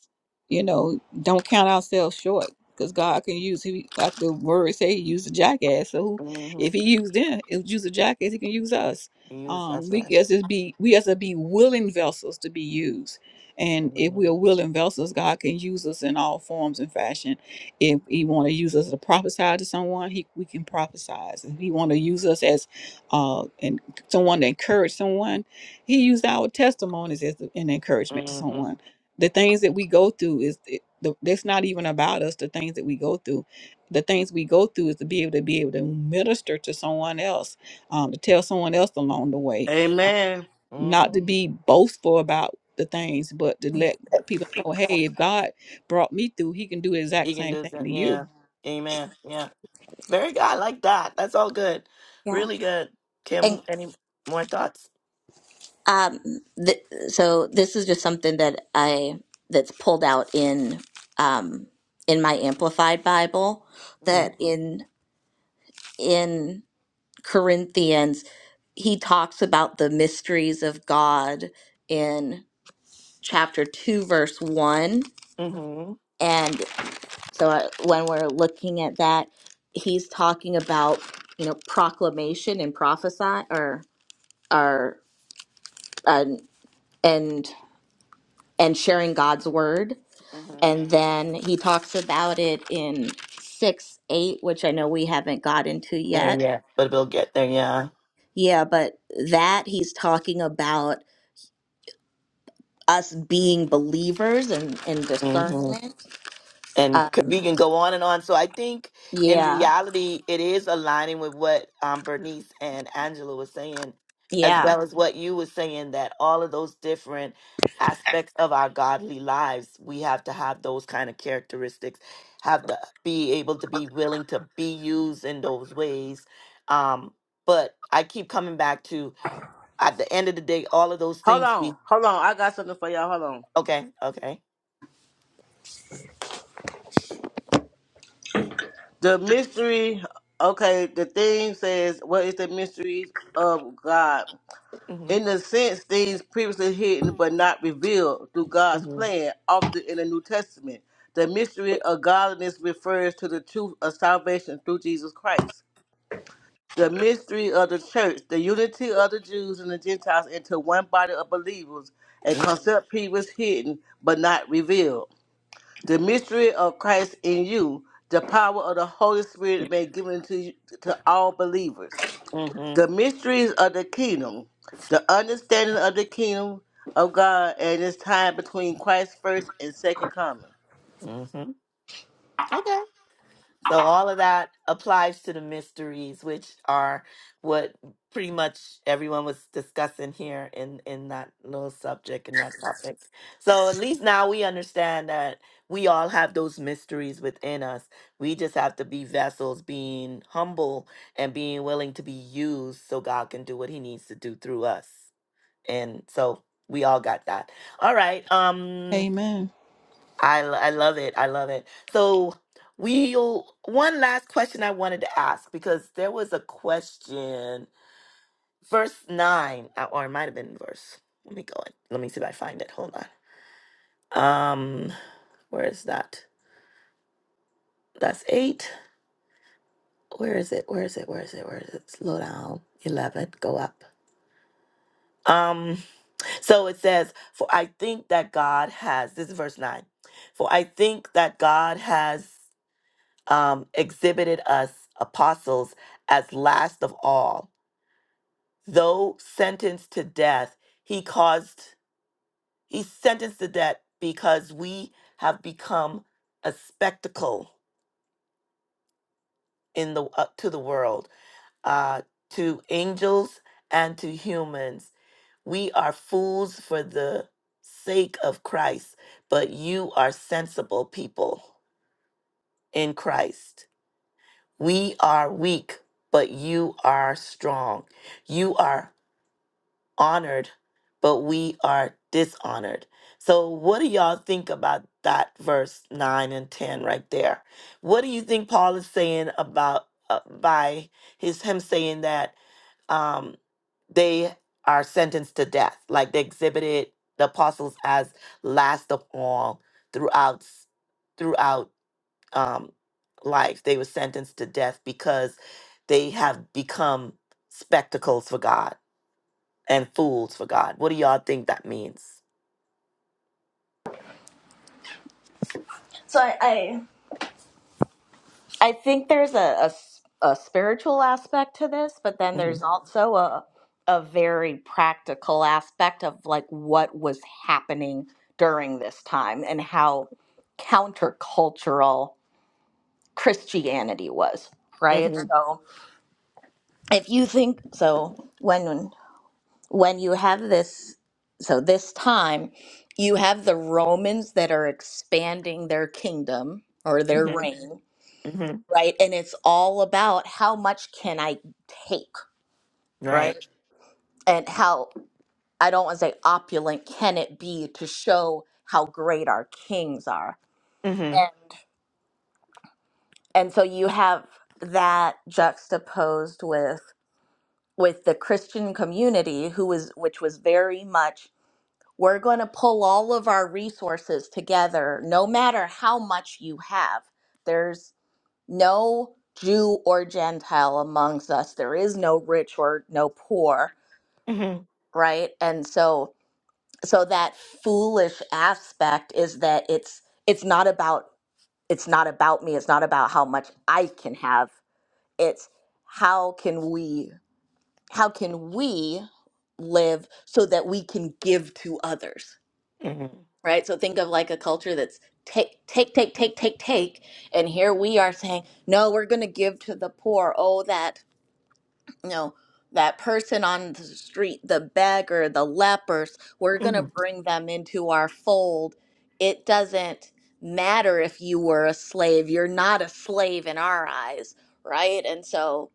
S3: you know, don't count ourselves short because God can use he like the word say he used a jackass. So who,
S1: Mm-hmm.
S3: if he used them, if he used a jackass, he can use us.
S1: Use
S3: Um,
S1: that's
S3: we
S1: right.
S3: as to be we as to be willing vessels to be used. And if
S1: Mm-hmm.
S3: we are willing vessels, God can use us in all forms and fashion. If He want to use us to prophesy to someone, He we can prophesy. If He want to use us as uh and someone to encourage someone, He used our testimonies as an encouragement to
S1: Mm-hmm.
S3: someone the things that we go through is it, the, that's not even about us the things that we go through the things we go through is to be able to be able to minister to someone else um, to tell someone else along the way um,
S4: Amen.
S1: Mm-hmm.
S3: not to be boastful about the things but to let people know hey if god brought me through he can do the exact
S1: You can
S3: same
S1: do
S3: thing
S1: that.
S3: to you
S1: Yeah. Amen. Yeah. Very good. I like that. That's all good.
S2: Yeah.
S1: Really good. Kim,
S2: And
S1: any more thoughts?
S2: um, th so this is just something that I that's pulled out in um, in my amplified Bible
S1: Mm-hmm.
S2: that in in Corinthians, he talks about the mysteries of God in chapter 2, verse 1.
S1: Mm-hmm.
S2: And so uh, when we're looking at that, he's talking about, you know, proclamation and prophesy or, or, and, and, and sharing God's word.
S1: hmm
S2: And then he talks about it in 6 8, which I know we haven't gotten to
S1: Yeah,
S2: yet.
S1: yeah. But we'll get there. Yeah.
S2: Yeah, but that he's talking about us being believers and, and
S1: Mm-hmm.
S2: discernment.
S1: and
S2: Uh,
S1: could we can go on and on. So I think in
S2: yeah,
S1: reality, it is aligning with what um, Bernice and Angela was saying, as
S2: yeah.
S1: well as what you were saying that all of those different aspects of our godly lives, we have to have those kind of characteristics, have to be able to be willing to be used in those ways. Um, but I keep coming back to at the end of the day, all of those
S4: Hold
S1: things
S4: on,
S1: be
S4: hold on. I got something for y'all. Hold on.
S1: okay, okay.
S4: The mystery. Okay, the thing says, "What is the mystery of God?"
S1: Mm-hmm,
S4: In a sense, things previously hidden but not revealed through God's
S1: mm-hmm,
S4: plan, often in the New Testament. The mystery of godliness refers to the truth of salvation through Jesus Christ. The mystery of the church, the unity of the Jews and the Gentiles into one body of believers, a
S1: mm-hmm,
S4: concept previously hidden but not revealed. The mystery of Christ in you, the power of the Holy Spirit made given to you, to all believers the
S1: mm-hmm.
S4: mysteries of the kingdom, the understanding of the kingdom of God, and its time between Christ's first and second coming.
S1: Mm-hmm. Okay. So all of that applies to the mysteries, which are what pretty much everyone was discussing here in in that little subject and that topic. So at least now we understand that we all have those mysteries within us. We just have to be vessels, being humble and being willing to be used so God can do what he needs to do through us. And so we all got that. All right. Um
S3: amen
S1: I, l- I love it. I love it. So we'll one last question I wanted to ask because there was a question, verse nine, uh, or it might have been verse. Let me go. and- Let me see if I find it. Hold on. Um, where is that? That's eight. Where is it? Where is it? Where is it? Where is it? Slow down. Eleven. Go up. Um, so it says, For I think that God has this is verse nine. For I think that God has um, exhibited us apostles as last of all. Though sentenced to death, he caused, he sentenced to death because we have become a spectacle in the uh, to the world, uh, to angels and to humans. We are fools for the sake of Christ, but you are sensible people in Christ We are weak, but you are strong. You are honored, but we are dishonored. So, what do y'all think about that verse 9 and 10 right there? What do you think Paul is saying about uh, by his him saying that um they are sentenced to death, like they exhibited the apostles as last of all throughout throughout um, life. They were sentenced to death because they have become spectacles for God and fools for God. What do y'all think that means?
S2: So I, I I think there's a, a s- a spiritual aspect to this, but then
S1: hmm
S2: there's also a a very practical aspect of like what was happening during this time and how countercultural Christianity was, right?
S1: hmm
S2: So if you think so, when when you have this, so this time, you have the Romans that are expanding their kingdom or their
S1: hmm
S2: reign,
S1: hmm
S2: right? And it's all about how much can I take, right?
S1: Right.
S2: And how, I don't want to say opulent can it be to show how great our kings are.
S1: hmm
S2: And, and so you have that juxtaposed with with the Christian community who was which was very much We're going to pull all of our resources together, no matter how much you have. There's no Jew or Gentile amongst us. There is no rich or no poor,
S1: hmm
S2: right? And so so that foolish aspect is that it's it's not about it's not about me. It's not about how much I can have. It's how can we how can we live so that we can give to others
S1: hmm
S2: right? So think of like a culture that's take, take, take, take, take, take, and here we are saying, no, we're going to give to the poor. Oh, that you know, that person on the street, the beggar, the lepers, we're going to
S1: hmm
S2: bring them into our fold. It doesn't matter if you were a slave; you're not a slave in our eyes, right? And so,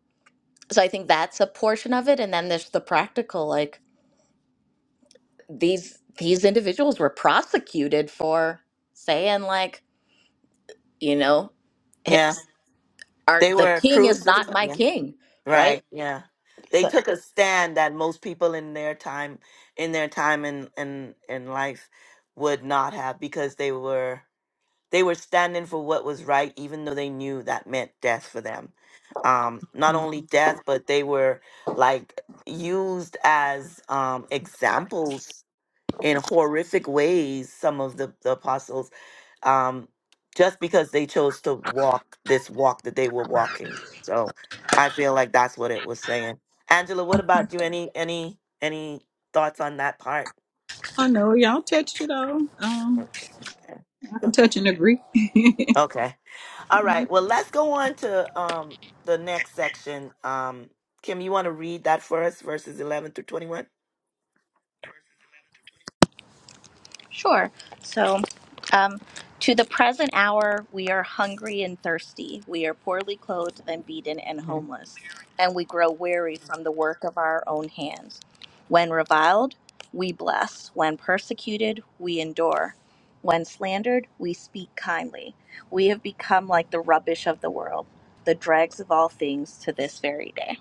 S2: so I think that's a portion of it, and then there's the practical, like these these individuals were prosecuted for saying like you know his,
S1: Yeah.
S2: our
S1: They
S2: the
S1: were
S2: king is
S1: crucified.
S2: not my
S1: Yeah.
S2: king right
S1: Right. Yeah. They took a stand that most people in their time, in their time in in in life, would not have because they were They were standing for what was right, even though they knew that meant death for them. Um, not only death, but they were like used as um, examples in horrific ways, some of the, the apostles, um, just because they chose to walk this walk that they were walking. So I feel like that's what it was saying. Angela, what about you? Any any any thoughts on that part?
S3: I know y'all touched it all.
S1: Okay.
S3: Um, I can
S1: Okay.
S3: touch and agree.
S1: Okay. All right. Well, let's go on to um the next section. Um, Kim, you want to read that for us, verses eleven through twenty-one?
S2: Sure. So, um, to the present hour, we are hungry and thirsty. We are poorly clothed and beaten and
S1: Mhm.
S2: homeless, and we grow weary from the work of our own hands. When reviled, we bless. When persecuted, we endure. When slandered, we speak kindly. We have become like the rubbish of the world, the dregs of all things to this very day.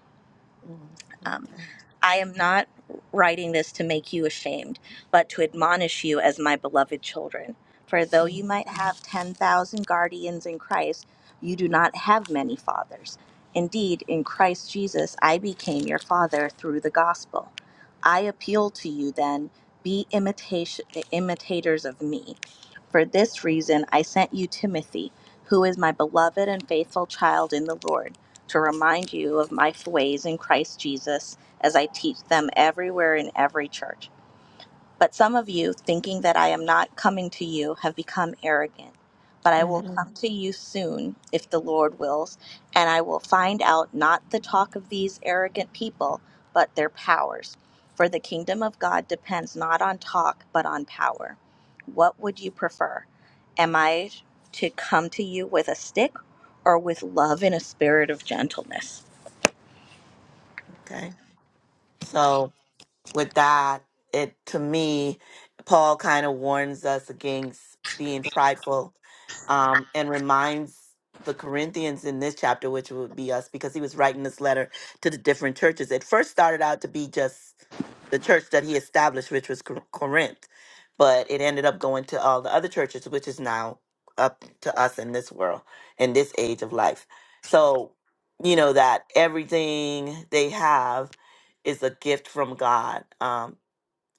S1: Mhm.
S2: Um,
S1: Okay.
S2: I am not writing this to make you ashamed, but to admonish you as my beloved children. For though you
S1: Mhm.
S2: might have 10,000 guardians in Christ, you do not have many fathers. Indeed, in Christ Jesus, I became your father through the gospel. I appeal to you then, be imitation, imitators of me for this reason, I sent you Timothy, who is my beloved and faithful child in the Lord, to remind you of my ways in Christ Jesus as I teach them everywhere in every church. But some of you, thinking that I am not coming to you, have become arrogant. But I will
S1: Mhm.
S2: come to you soon, if the Lord wills, and I will find out not the talk of these arrogant people, but their powers. For the kingdom of God depends not on talk, but on power. What would you prefer? Am I to come to you with a stick or with love in a spirit of gentleness?
S1: Okay. So. with that, it to me, Paul kind of warns us against being prideful um, and reminds the Corinthians in this chapter, which would be us, because he was writing this letter to the different churches. It first started out to be just the church that he established, which was Cor- Corinth, but it ended up going to all the other churches, which is now up to us in this world, in this age of life. So, you know, that everything they have is a gift from God. Um,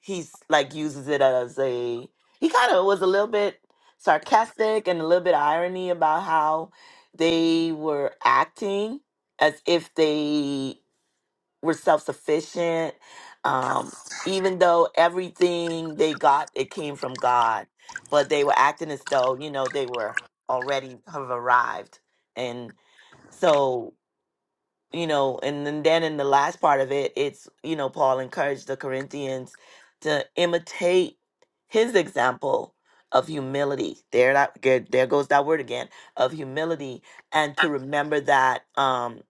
S1: he's like uses it as a he kind of was a little bit sarcastic and a little bit irony about how they were acting as if they were self sufficient, um, even though everything they got it came from God, but they were acting as though you know they were already have arrived, and so you know and then, then in the last part of it it's you know paul encouraged the corinthians to imitate his example of humility there that there, there goes that word again of humility and to remember that um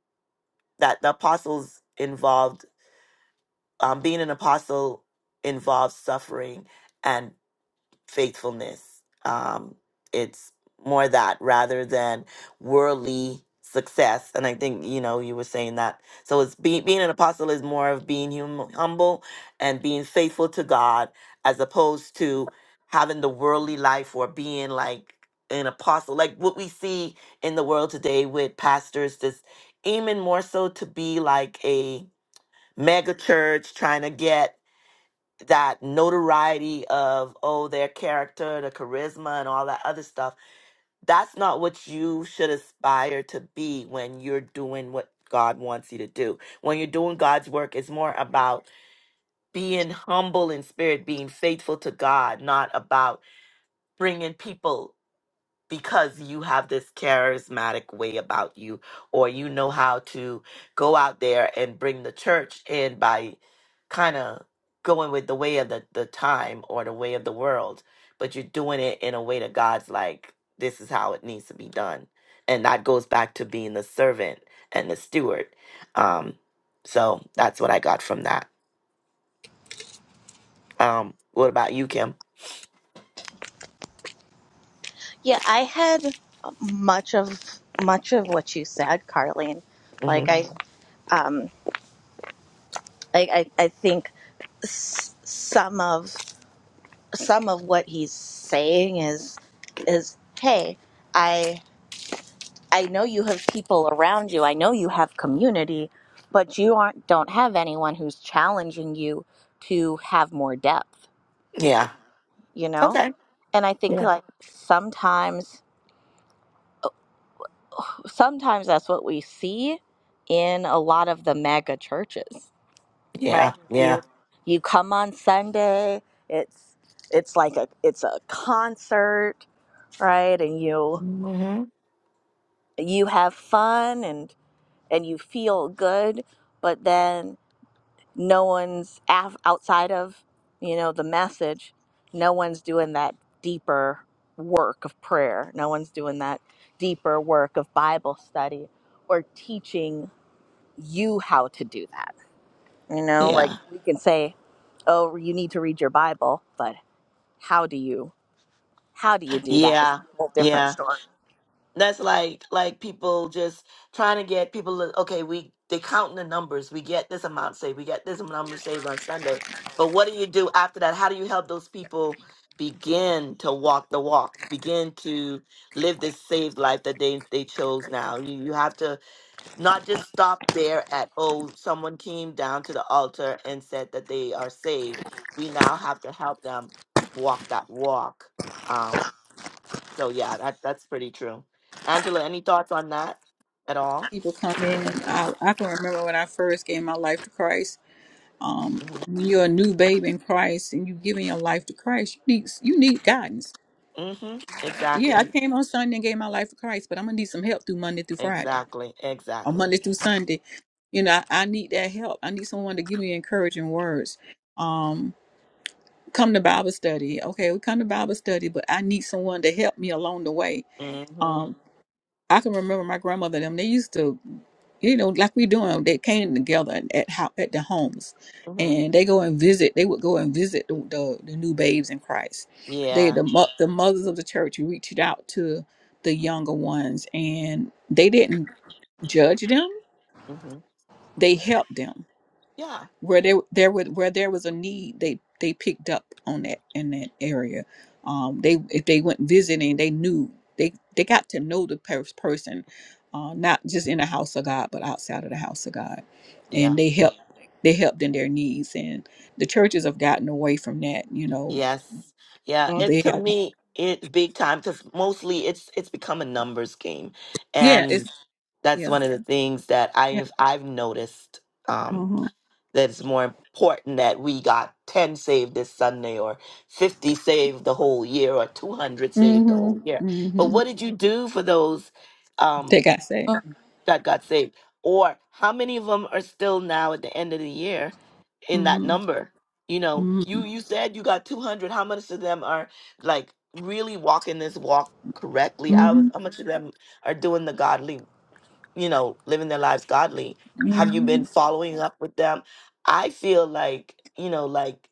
S1: that the apostles involved um being an apostle involves suffering and faithfulness. Um, it's more that rather than worldly success. And I think, you know, you were saying that. So it's being being an apostle is more of being hum- humble and being faithful to God as opposed to having the worldly life or being like an apostle, like what we see in the world today with pastors just aiming more so to be like a mega church trying to get that notoriety of oh their character the charisma and all that other stuff that's not what you should aspire to be when you're doing what god wants you to do when you're doing god's work it's more about being humble in spirit being faithful to god not about bringing people because you have this charismatic way about you or you know how to go out there and bring the church in by kind of going with the way of the, the time or the way of the world but you're doing it in a way that god's like this is how it needs to be done and that goes back to being the servant and the steward um so that's what i got from that um what about you kim
S2: Yeah, I had much of much of what you said, Carleen.
S1: hmm
S2: like I Mhm. um, I, I I think some of some of what he's saying is is hey, I I know you have people around you. I know you have community, but you aren't don't have anyone who's challenging you to have more depth.
S1: yeah
S2: You know,
S1: okay
S2: and I think
S1: yeah
S2: like sometimes sometimes that's what we see in a lot of the mega churches.
S1: yeah
S2: right
S1: yeah
S2: you you come on sunday it's it's like a it's a concert right and you
S1: hmm
S2: you have fun and and you feel good but then no one's af- outside of you know the message no one's doing that deeper work of prayer no one's doing that deeper work of bible study or teaching you how to do that You know,
S1: Yeah.
S2: like we can say, "Oh, you need to read your Bible," but how do you how do you do that is a
S1: Yeah,
S2: whole different
S1: yeah.
S2: story.
S1: That's like like people just trying to get people. to- Okay, we they counting the numbers. We get this amount saved. We get this number saved on Sunday. But what do you do after that? How do you help those people begin to walk the walk? Begin to live this saved life that they they chose. Now you you have to not just stop there at oh someone came down to the altar and said that they are saved. We now have to help them walk that walk. Um, so yeah, that that's pretty true. Angela, any thoughts on that at
S3: <laughs>
S1: all?
S3: People come in. I I can remember when I first gave my life to Christ. um,
S1: hmm
S3: when you're a new babe in Christ and you're giving your life to Christ, you need you need guidance.
S1: hmm
S3: Yeah, I
S1: Exactly.
S3: came on Sunday and gave my life to Christ, but I'm gonna need some help through Monday through Friday
S1: Exactly.
S3: or Monday
S1: Exactly.
S3: through Sunday. You know, I, I need that help. I need someone to give me encouraging words. Um, come to Bible study. Okay, we come to Bible study, but I need someone to help me along the way.
S1: hmm
S3: Um, I can remember my grandmother them. They used to, you know, like we doing. They came together at how at the homes,
S1: hmm
S3: and they go and visit. They would go and visit the the, the new babes in Christ. They
S1: Yeah.
S3: the mo- the mothers of the church reached out to the younger ones, and they didn't judge them.
S1: hmm
S3: They helped them
S1: Yeah.
S3: where there there was where there was a need they they picked up on that in that area um they if they went visiting they knew they they got to know the pers- person uh not just in the house of god but outside of the house of god
S1: Yeah.
S3: and they helped they helped in their needs and the churches have gotten away from that you know
S1: Yes. Yeah. It
S3: they
S1: to
S3: have
S1: me, it's big time because mostly it's it's become a numbers game,
S3: yeah
S1: and
S3: it's
S1: that's
S3: yeah
S1: one of the things that
S3: yeah
S1: I've I've noticed. Um,
S3: mm-hmm
S1: that it's more important that we got 10 saved this Sunday or 50 saved the whole year or 200 saved the
S3: mm-hmm
S1: whole year. But
S3: mm-hmm
S1: what did you do for those um,
S3: they got saved
S2: Mm-hmm.
S1: that got saved? Or how many of them are still now at the end of the year in that
S3: mm-hmm
S1: number? You know, you
S3: mm-hmm
S1: you said you got 200. How much of them are like really walking this walk correctly? How
S3: mm-hmm
S1: how much of them are doing the godly you know, living their lives godly? Have you been following up with them? I feel like, you know, like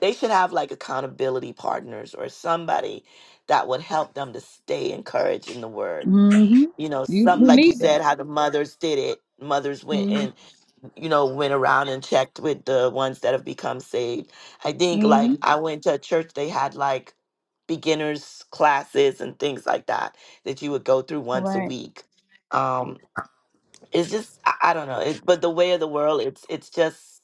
S1: they should have like accountability partners or somebody that would help them to stay encouraged in the word.
S3: mm-hmm
S1: You know,
S3: you,
S1: some
S3: you
S1: like you
S3: need that
S1: said, how the mothers did it. Mothers went
S3: hmm
S1: and, you know, went around and checked with the ones that have become saved. I think like
S3: hmm
S1: I went to a church, they had like beginners classes and things like that that you would go through once a
S3: Right.
S1: week. Um, it's just I, I don't know it, but the way of the world it's it's just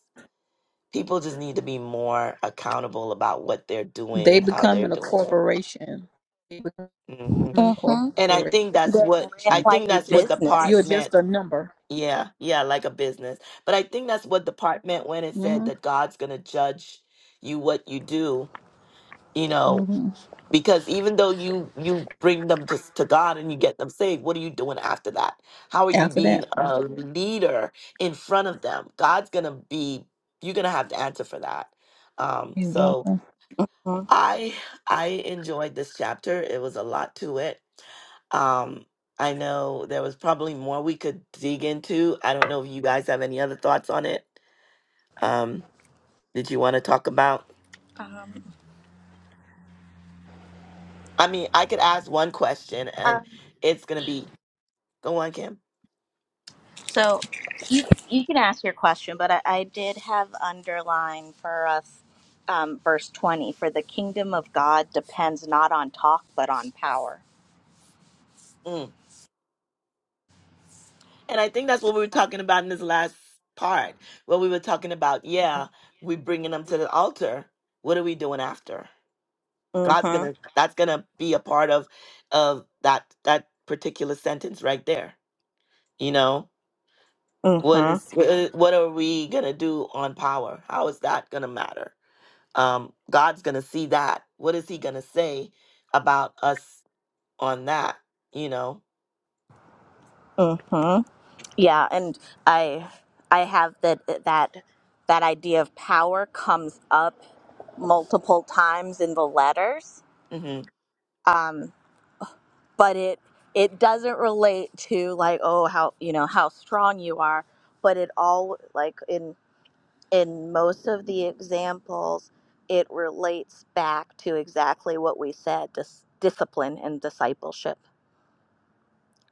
S1: people just need to be more accountable about what they're doing
S3: They
S1: and how they're
S3: becoming a
S1: doing it
S3: corporation. They becoming
S1: hmm
S3: a
S1: and i
S3: corporation.
S1: think that's
S2: They
S1: what
S2: ran
S1: i
S2: like
S1: think
S3: You
S2: a
S1: that's what
S3: just
S1: the part
S3: you're
S2: business.
S1: meant
S3: just a number.
S1: yeah yeah like a business but i think that's what the part meant when it said
S3: hmm
S1: that god's gonna judge you what you do you know
S3: hmm
S1: because even though you you bring them to, to god and you get them saved what are you doing after that how are you
S3: After
S1: being
S3: that,
S1: a leader in front of them god's gonna be you're gonna have to answer for that um so
S3: exactly.
S2: Mhm.
S1: i i enjoyed this chapter it was a lot to it um i know there was probably more we could dig into i don't know if you guys have any other thoughts on it um did you want to talk about i mean i could ask one question and
S2: Um,
S1: it's gonna be go on kim
S2: so you you can ask your question, but I, I did have underlined for us um, verse twenty: "For the kingdom of God depends not on talk, but on power."
S1: Mm. And I think that's what we were talking about in this last part, where we were talking about, yeah, we bringing them to the altar. What are we doing after? God's
S2: Mm-hmm.
S1: gonna. That's gonna be a part of, of that that particular sentence right there. You know, what
S2: Mm-hmm.
S1: is wh- what are we gonna do on power? How is that gonna matter? Um, God's gonna see that. What is He gonna say about us on that? You know.
S2: Mm-hmm. Yeah, and I I have that uh, that that idea of power comes up multiple times in the letters.
S1: hmm
S2: Um, but it it doesn't relate to like oh how you know how strong you are, but it all like in in most of the examples it relates back to exactly what we said dis- discipline and discipleship,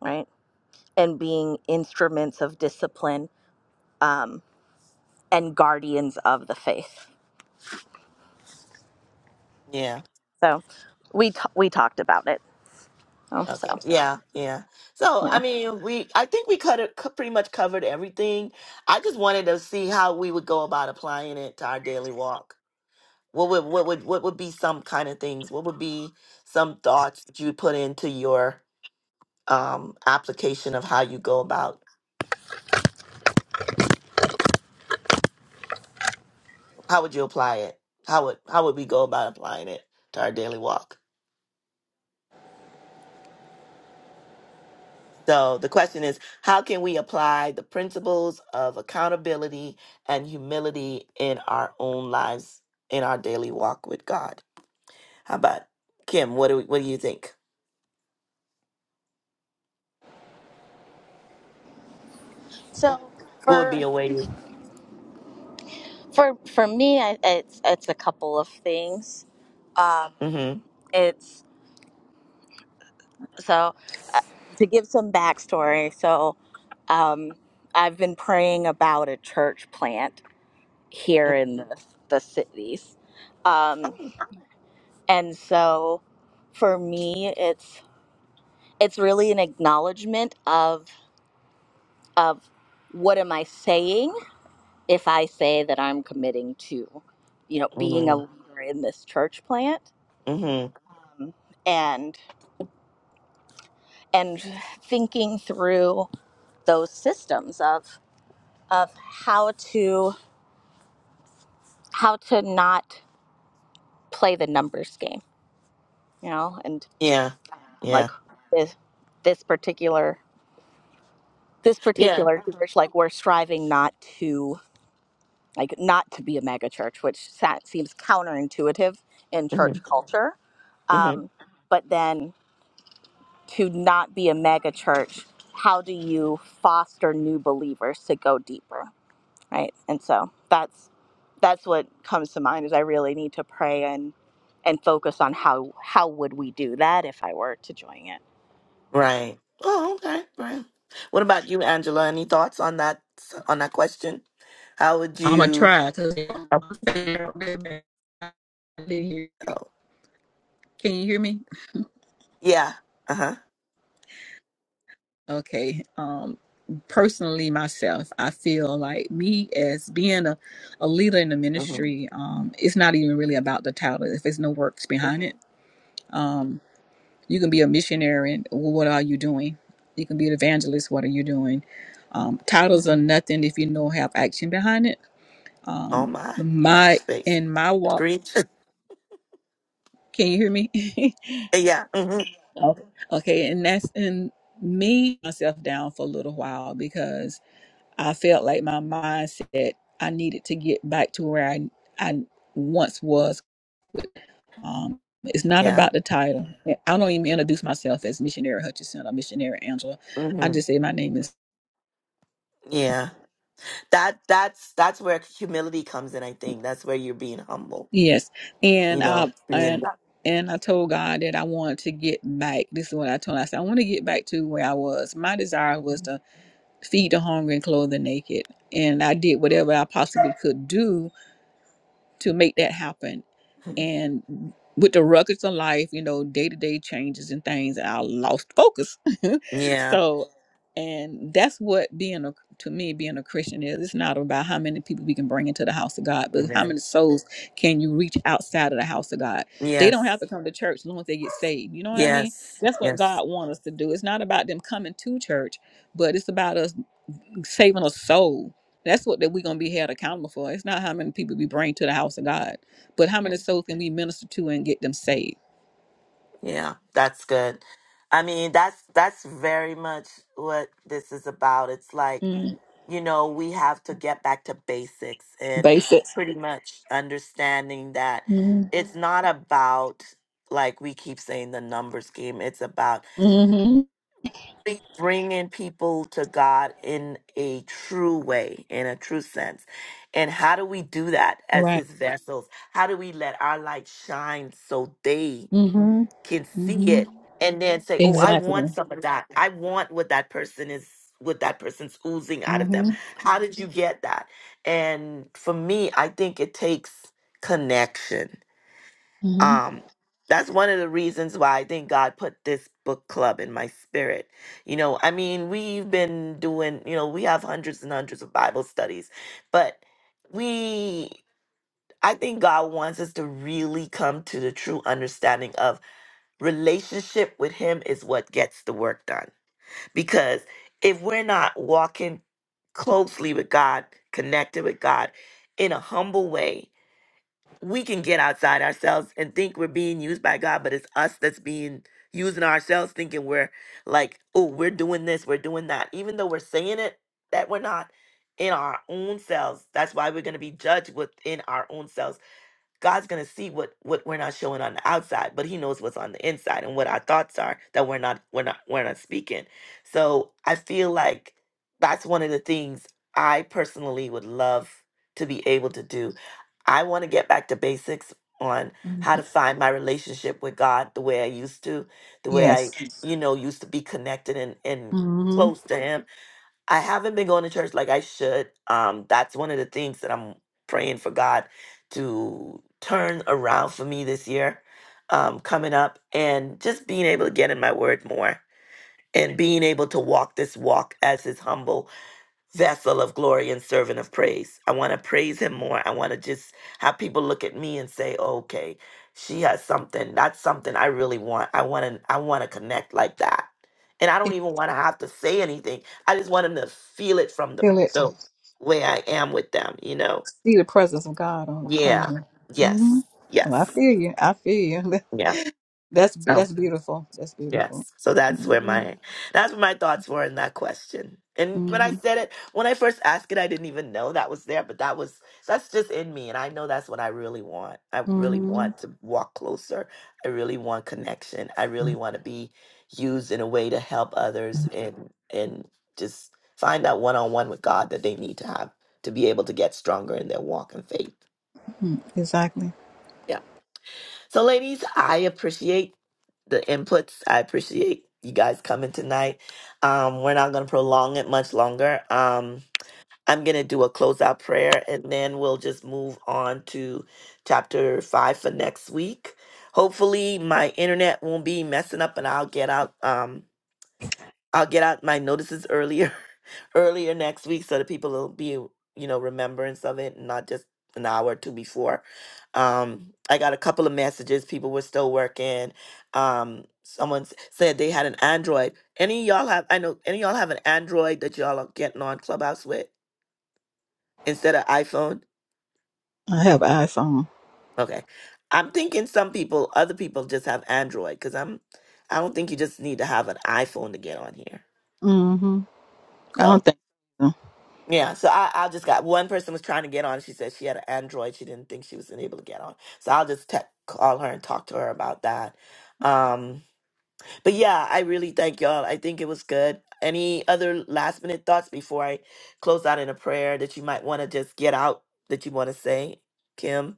S2: right? And being instruments of discipline um, and guardians of the faith.
S1: Yeah.
S2: So we t- we talked about it. Um,
S1: Okay.
S2: so
S1: Yeah. Yeah. So,
S2: yeah.
S1: I mean, we I think we cut it, pretty much covered everything. I just wanted to see how we would go about applying it to our daily walk. What would what would what would be some kind of things? What would be some thoughts that you put into your um application of how you go about how would you apply it? How would how would we go about applying it to our daily walk? So the question is how can we apply the principles of accountability and humility in our own lives, in our daily walk with God? How about Kim? What do we, what do you think?
S2: So
S1: What would be
S2: for
S1: a way? you-
S2: for for me, I, it's it's a couple of things.
S1: Mhm.
S2: It's so to give some backstory. So um, I've been praying about a church plant here
S1: Mhm.
S2: in the the cities, um,
S1: Mm.
S2: and so for me, it's it's really an acknowledgement of of what am I saying if I say that I'm committing to, you know, being a
S1: Mhm.
S2: leader in this church plant
S1: Mhm.
S2: um, and and thinking through those systems of of how to how to not play the numbers game, you know, and
S1: Yeah. Yeah.
S2: like this this particular this
S1: Yeah.
S2: particular church, like we're striving not to like not to be a mega church, which sa- seems counterintuitive in
S1: Mhm.
S2: church culture.
S1: Mhm.
S2: Um, but then to not be a mega church, how do you foster new believers to go deeper, right? And so that's that's what comes to mind is I really need to pray and and focus on how how would we do that if I were to join it.
S1: Right. Oh, okay. Right. What about you, Angela? Any thoughts on that on that question? How would
S3: I'm gonna
S1: you?
S3: try because can
S1: Oh,
S3: you hear me?
S1: yeah. Uh huh.
S3: Okay. Um, personally, myself, I feel like me as being a, a leader in the
S1: Mhm.
S3: ministry. Um, it's not even really about the title if there's no works behind it. Um, You can be a missionary. And what are you doing? You can be an evangelist. What are you doing? Um, titles
S1: Mhm.
S3: are nothing if you don't have action behind it. Um,
S1: on my
S3: my
S1: space
S3: in my walk.
S1: preach
S3: Can you hear me? <laughs>
S1: <laughs> yeah hmm
S3: okay. Okay, and that's and me myself down for a little while because I felt like my mindset. I needed to get back to where I I once was. Um, it's not
S1: yeah
S3: about the title. I don't even introduce myself as missionary Hutchinson or missionary Angela. I
S1: hmm
S3: just say my name is.
S1: yeah that that's that's where humility comes in i think that's where you're being humble
S3: Yes,
S1: you
S3: and
S1: know
S3: I
S1: being
S3: and and I told God that I wanted to get back. This is what I told. Him. I said I want to get back to where I was. My desire was to feed the hungry and clothe the naked, and I did whatever I possibly could do to make that happen.
S1: <laughs>
S3: And with the ruckus of life, you know, day to day changes and things, I lost focus. <laughs>
S1: yeah
S3: so, and that's what being a to me being a Christian is. It's not about how many people we can bring into the house of God, but how
S1: amen
S3: many souls can you reach outside of the house of God? They don't have
S1: yes
S3: to come to church as long as they get saved. You know what I mean?
S1: yes
S3: That's what
S1: yes
S3: God wants us to do. It's not about them coming to church, but it's about us saving a soul. That's what that we're gonna be held accountable for. It's not how many people we bring to the house of God, but how many souls can we minister to and get them saved.
S1: yeah that's good i mean that's that's very much what this is about it's like
S3: Mm.
S1: you know, we have to get back to basics and
S3: Basics.
S1: pretty much understanding that
S3: Mm-hmm.
S1: it's not about, like we keep saying, the numbers game. It's about
S3: hmm
S1: bring- bringing people to God in a true way, in a true sense. And how do we do that as
S3: Right.
S1: His vessels? How do we let our light shine so they
S3: Mm-hmm.
S1: can see
S3: Mm-hmm.
S1: it and then say, "Oh, I want
S3: Exactly.
S1: some of that. I want what that person is, what that person's oozing out of them."
S3: Mm-hmm.
S1: How did you get that? And for me, I think it takes connection.
S3: Mm-hmm.
S1: Um, that's one of the reasons why I think God put this book club in my spirit. You know, I mean, we've been doing, you know, we have hundreds and hundreds of Bible studies, but we. I think God wants us to really come to the true understanding of Relationship with Him is what gets the work done. Because if we're not walking closely with God, connected with God in a humble way, we can get outside ourselves and think we're being used by God, but it's us that's being using ourselves, thinking we're like, oh, we're doing this, we're doing that. Even though we're saying it that we're not in our own selves. That's why we're going to be judged within our own selves God's gonna see what what we're not showing on the outside, but He knows what's on the inside and what our thoughts are that we're not we're not we're not speaking. So I feel like that's one of the things I personally would love to be able to do. I want to get back to basics on how
S3: hmm
S1: to find my relationship with God the way I used to, the way I
S3: Yes.
S1: Yes. you know used to be connected and and
S3: Mm-hmm.
S1: close to Him I haven't been going to church like I should. Um, that's one of the things that I'm praying for God to turn around for me this year, um, coming up, and just being able to get in my word more and being able to walk this walk as His humble vessel of glory and servant of praise. I want to praise him more. I want to just have people look at me and say, "Okay, she has something. That's something I really want. I want to I want to connect like that." And I don't
S3: Can
S1: even want to have to say anything. I just want them to feel it from the
S3: Feel it.
S1: the way I am with them, you know.
S3: See the presence of God on upon
S1: Yeah.
S3: you. Mm-hmm.
S1: Yes.
S3: Oh, I
S1: Yes.
S3: feel you. I feel you.
S1: Yeah.
S3: <laughs> That's be-
S1: So
S3: that's beautiful. That's beautiful.
S1: Yes. So that's where
S3: Mm-hmm.
S1: my that's where my thoughts were in that question. And when I
S3: Mm-hmm.
S1: said it, when I first asked it, I didn't even know that was there, but that was that's just in me and I know that's what I really want. I really
S3: Mm-hmm.
S1: want to walk closer. I really want connection. I really want to be used in a way to help others and and just find out one-on-one with God that they need to have to be able to get stronger in their walk and faith.
S3: Mm, Exactly.
S1: Yeah. So, ladies, I appreciate the inputs. I appreciate you guys coming tonight. Um, we're not going to prolong it much longer. Um, I'm going to do a closeout prayer and then we'll just move on to chapter five for next week. Hopefully, my internet won't be messing up and I'll get out. Um, I'll get out my notices earlier, <laughs> earlier next week, so that people will be, you know, remembrance of it, and not just an hour or two before. Um, I got a couple of messages. People were still working. Um, someone s- said they had an Android. Any of y'all have? I know any of y'all have an Android that y'all are getting on Clubhouse with instead of iPhone.
S3: I have iPhone.
S1: Okay, I'm thinking some people, other people, just have Android because I'm. I don't think you just need to have an iPhone to get on here.
S3: Mm-hmm. I
S1: So.
S3: don't think so.
S1: Yeah, so I, I just got one person was trying to get on. She said she had an Android. She didn't think she was able to get on. So I'll just te- call her and talk to her about that. Um, but yeah, I really thank y'all. I think it was good. Any other last minute thoughts before I close out in a prayer that you might want to just get out that you want to say, Kim,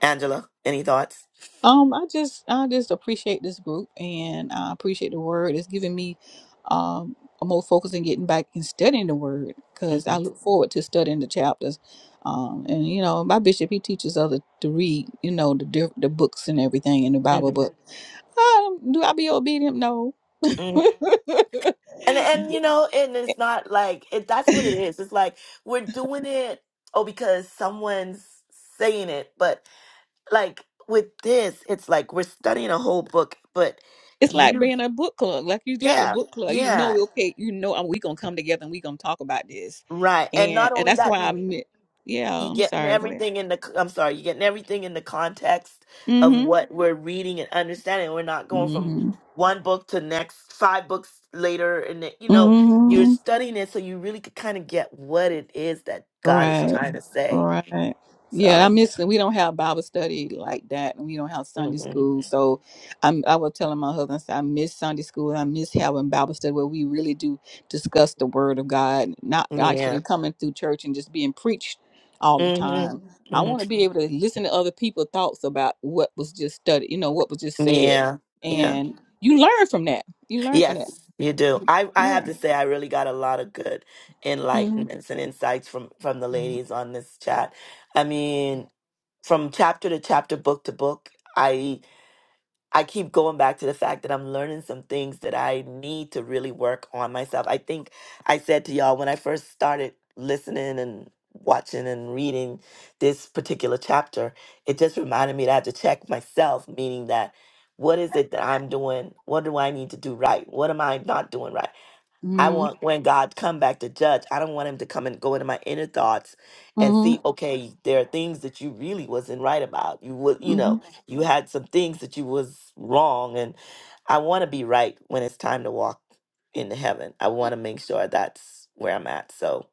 S1: Angela? Any thoughts?
S3: Um, I just I just appreciate this group and I appreciate the word. It's giving me um a more focus in getting back and studying the word
S1: hmm
S3: because I look forward to studying the chapters. Um, and you know, my bishop he teaches others to read, you know, the diff- the books and everything in the Bible.
S1: hmm
S3: But um, do I be obedient? No.
S1: mm And and you
S3: <laughs>
S1: know, and it's not like it, that's what it is. It's like we're doing it oh because
S3: <laughs>
S1: someone's saying it, but like with this, it's like we're studying a whole book, but
S3: It's like
S1: you,
S3: being a book club. Like you got a
S1: yeah,
S3: book club. You
S1: yeah,
S3: know, okay, you know, uh, we gonna come together and we gonna talk about this,
S1: right. And not
S3: and and
S1: only
S3: that's
S1: that,
S3: why I
S1: you
S3: meant. Yeah,
S1: you
S3: I'm
S1: getting
S3: sorry. Go ahead.
S1: everything in the. c- I'm sorry, you getting everything in the context of
S3: Mm-hmm.
S1: what we're reading and understanding. We're not going from
S3: Mm-hmm.
S1: one book to next five books later, and then, you know you're
S3: Mm-hmm.
S1: studying it, so you really could kind of get what it is that God is
S3: Right.
S1: trying to say.
S3: Right. Yeah, I
S1: So,
S3: miss we don't have Bible study like that, and we don't have Sunday
S1: mhm.
S3: school. So, I'm I was telling my husband I said, I miss Sunday school. I miss having Bible study where we really do discuss the Word of God, not
S1: yeah,
S3: actually coming through church and just being preached all the
S1: hmm
S3: time. Mhm. I
S1: hmm
S3: want to be able to listen to other people's thoughts about what was just studied, you know, what was just said,
S1: yeah,
S3: Mhm.
S1: yeah.
S3: and you learn from that. You learn from that.
S1: Yes, you do. I, I have
S3: Yeah.
S1: to say I really got a lot of good
S3: Mm-hmm.
S1: enlightenments and insights from from the ladies on this chat. I mean, from chapter to chapter, book to book, I. I keep going back to the fact that I'm learning some things that I need to really work on myself. I think I said to y'all when I first started listening and watching and reading this particular chapter, it just reminded me that I have to check myself, meaning that what is it that I'm doing? What do I need to do right? What am I not doing right? I
S3: Mm-hmm.
S1: want when God come back to judge, I don't want him to come and go into my inner thoughts and see,
S3: Mm-hmm.
S1: okay, there are things that you really wasn't right about. You would, you know, you had some things that you was wrong and I want to be right when it's time to walk into heaven. I want to make sure that's where I'm at. So,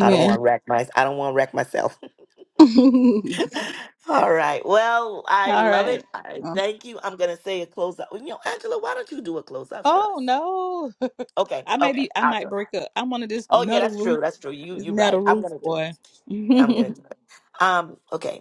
S1: I don't want to wreck my I don't want to wreck myself.
S3: <laughs>
S1: <laughs> All right. Well, I
S3: All
S1: love
S3: right.
S1: it. I
S3: Um,
S1: thank you. I'm going to say a close out. You know, Angela, why don't you do a close out for us?
S3: oh no.
S1: Okay.
S3: <laughs> I may
S1: Okay.
S3: be I
S1: I'll do
S3: might
S1: it.
S3: break up. I'm under this
S1: Oh yeah,
S3: metal
S1: that's true.
S3: roof.
S1: That's true. You
S3: This
S1: you're right.
S3: metal
S1: I'm
S3: roof,
S1: gonna do. It.
S3: boy.
S1: I'm gonna do.
S3: <laughs>
S1: It. Um. Okay.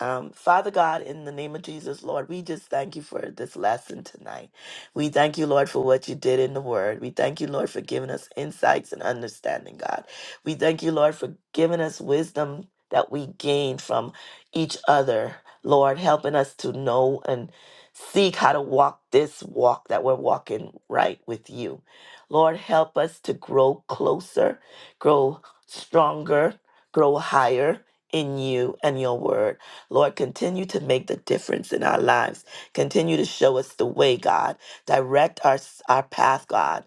S1: Um, Father God, in the name of Jesus, Lord, we just thank you for this lesson tonight. We thank you, Lord, for what you did in the Word. We thank you, Lord, for giving us insights and understanding, God. We thank you, Lord, for giving us wisdom that we gain from each other, Lord, helping us to know and seek how to walk this walk that we're walking right with you. Lord, help us to grow closer, grow stronger, grow higher in you and your Word. Lord, continue to make the difference in our lives. Continue to show us the way, God. Direct our, our path, God.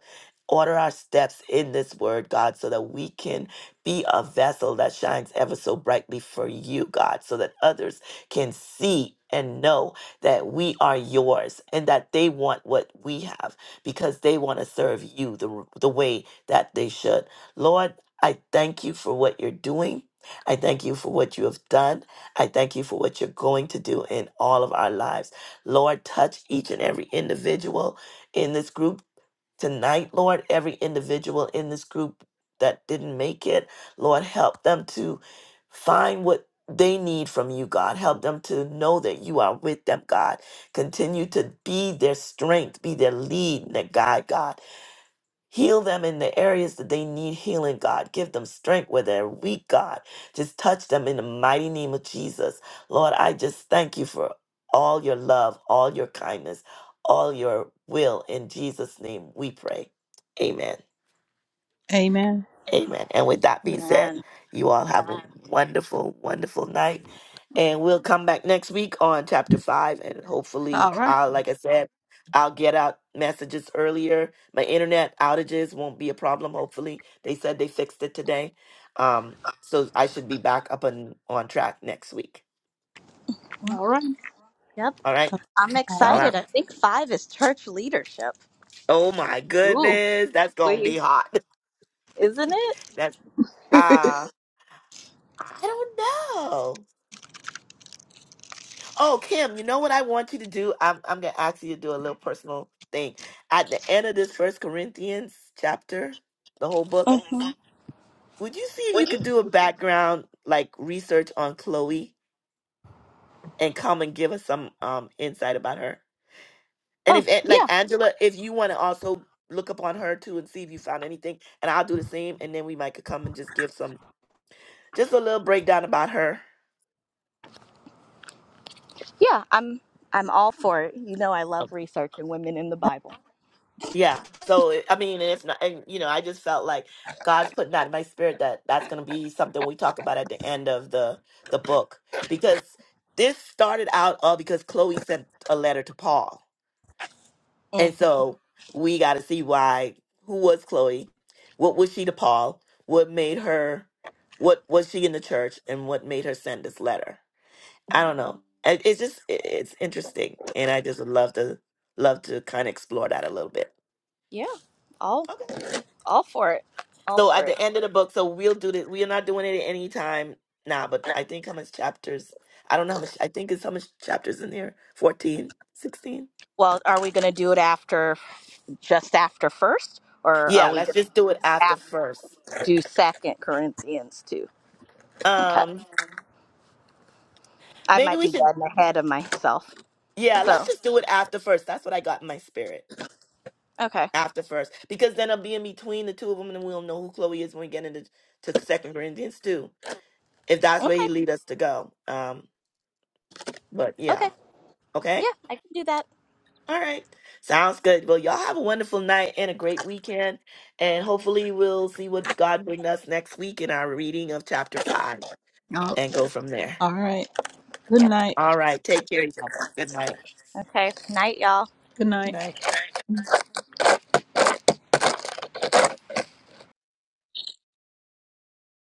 S1: Order our steps in this word, God, so that we can be a vessel that shines ever so brightly for you, God, so that others can see and know that we are yours and that they want what we have because they want to serve you the, the way that they should. Lord, I thank you for what you're doing. I thank you for what you have done. I thank you for what you're going to do in all of our lives. Lord, touch each and every individual in this group tonight, Lord, every individual in this group that didn't make it, Lord, help them to find what they need from you, God. Help them to know that you are with them, God. Continue to be their strength, be their lead, and their guide, God. Heal them in the areas that they need healing, God. Give them strength where they're weak, God. Just touch them in the mighty name of Jesus. Lord, I just thank you for all your love, all your kindness, all your will. In Jesus' name we pray. Amen.
S3: Amen.
S1: Amen. And with that being said,
S2: Amen.
S1: you all have a wonderful, wonderful night. And we'll come back next week on chapter five. And hopefully,
S3: All right.
S1: uh, like I said, I'll get out messages earlier. My internet outages won't be a problem. Hopefully, they said they fixed it today. Um, so I should be back up and on track next week.
S3: All right.
S2: Yep,
S1: All right,
S2: I'm
S1: y'all
S3: All
S2: excited.
S1: have.
S2: I think five is church leadership,
S1: Oh my goodness, that's gonna be hot. <laughs>
S2: isn't it?
S1: That's
S3: right.
S1: uh I don't know. Oh, Kim, you know what I want you to do? I'm I'm gonna ask you to do a little personal thing. At the end of this First Corinthians chapter, the whole book,
S2: Mhm.
S1: would you see if you could do a background like research on Chloe and come and give us some um insight about her? And
S2: Oh
S1: if eh, like
S2: yeah,
S1: Angela, if you want to also look up on her too and see if you found anything, and I'll do the same, and then we might could come and just give some just a little breakdown about her.
S2: yeah. I'm I'm all for it. You know, I love researching women in the Bible.
S1: Yeah. So it- I mean, and if not, and you know, I just felt like God's putting that in my spirit that that's going to be something we talk about at the end of the the book because this started out all because Chloe sent a letter to Paul,
S2: hmm
S1: and so we got to see why. Who was Chloe? What was she to Paul? What made her? What was she in the church, and what made her send this letter? I don't know. It- It's just it- it's interesting, and I just would love to love to kind of explore that a little bit.
S2: Yeah, all
S1: Okay.
S2: all for it, all
S1: So
S2: for
S1: at
S2: it.
S1: the end of the book, so we'll do this. We are not doing it at any time now, but I think how much chapters? I don't know how much. I think it's how much chapters in there? Fourteen, sixteen.
S2: Well, are we going to do it after, just after first, or are
S1: Yeah,
S2: we
S1: let's
S2: going
S1: just
S2: to
S1: do
S2: do
S1: it after
S2: af-
S1: first.
S2: do Second Corinthians too? Okay,
S1: Um,
S2: I
S1: maybe
S2: might
S1: we
S2: be
S1: should.
S2: getting ahead of myself.
S1: Yeah, let's
S2: So,
S1: just do it after first. That's what I got in my spirit.
S2: okay,
S1: After first, because then I'll be in between the two of them, and we'll know who Chloe is when we get into to Second Corinthians too, if that's where
S2: okay,
S1: he lead us to go. Um, but
S2: okay,
S1: yeah, okay.
S2: yeah, I can do that.
S1: All right. Sounds good. Well, y'all have a wonderful night and a great weekend. And hopefully we'll see what God bring us next week in our reading of chapter five
S3: <laughs> All
S1: and go from there.
S3: all right. Good night.
S1: All right. Take care, y'all. Good night.
S2: Okay, night, y'all.
S3: Good night.
S1: Night.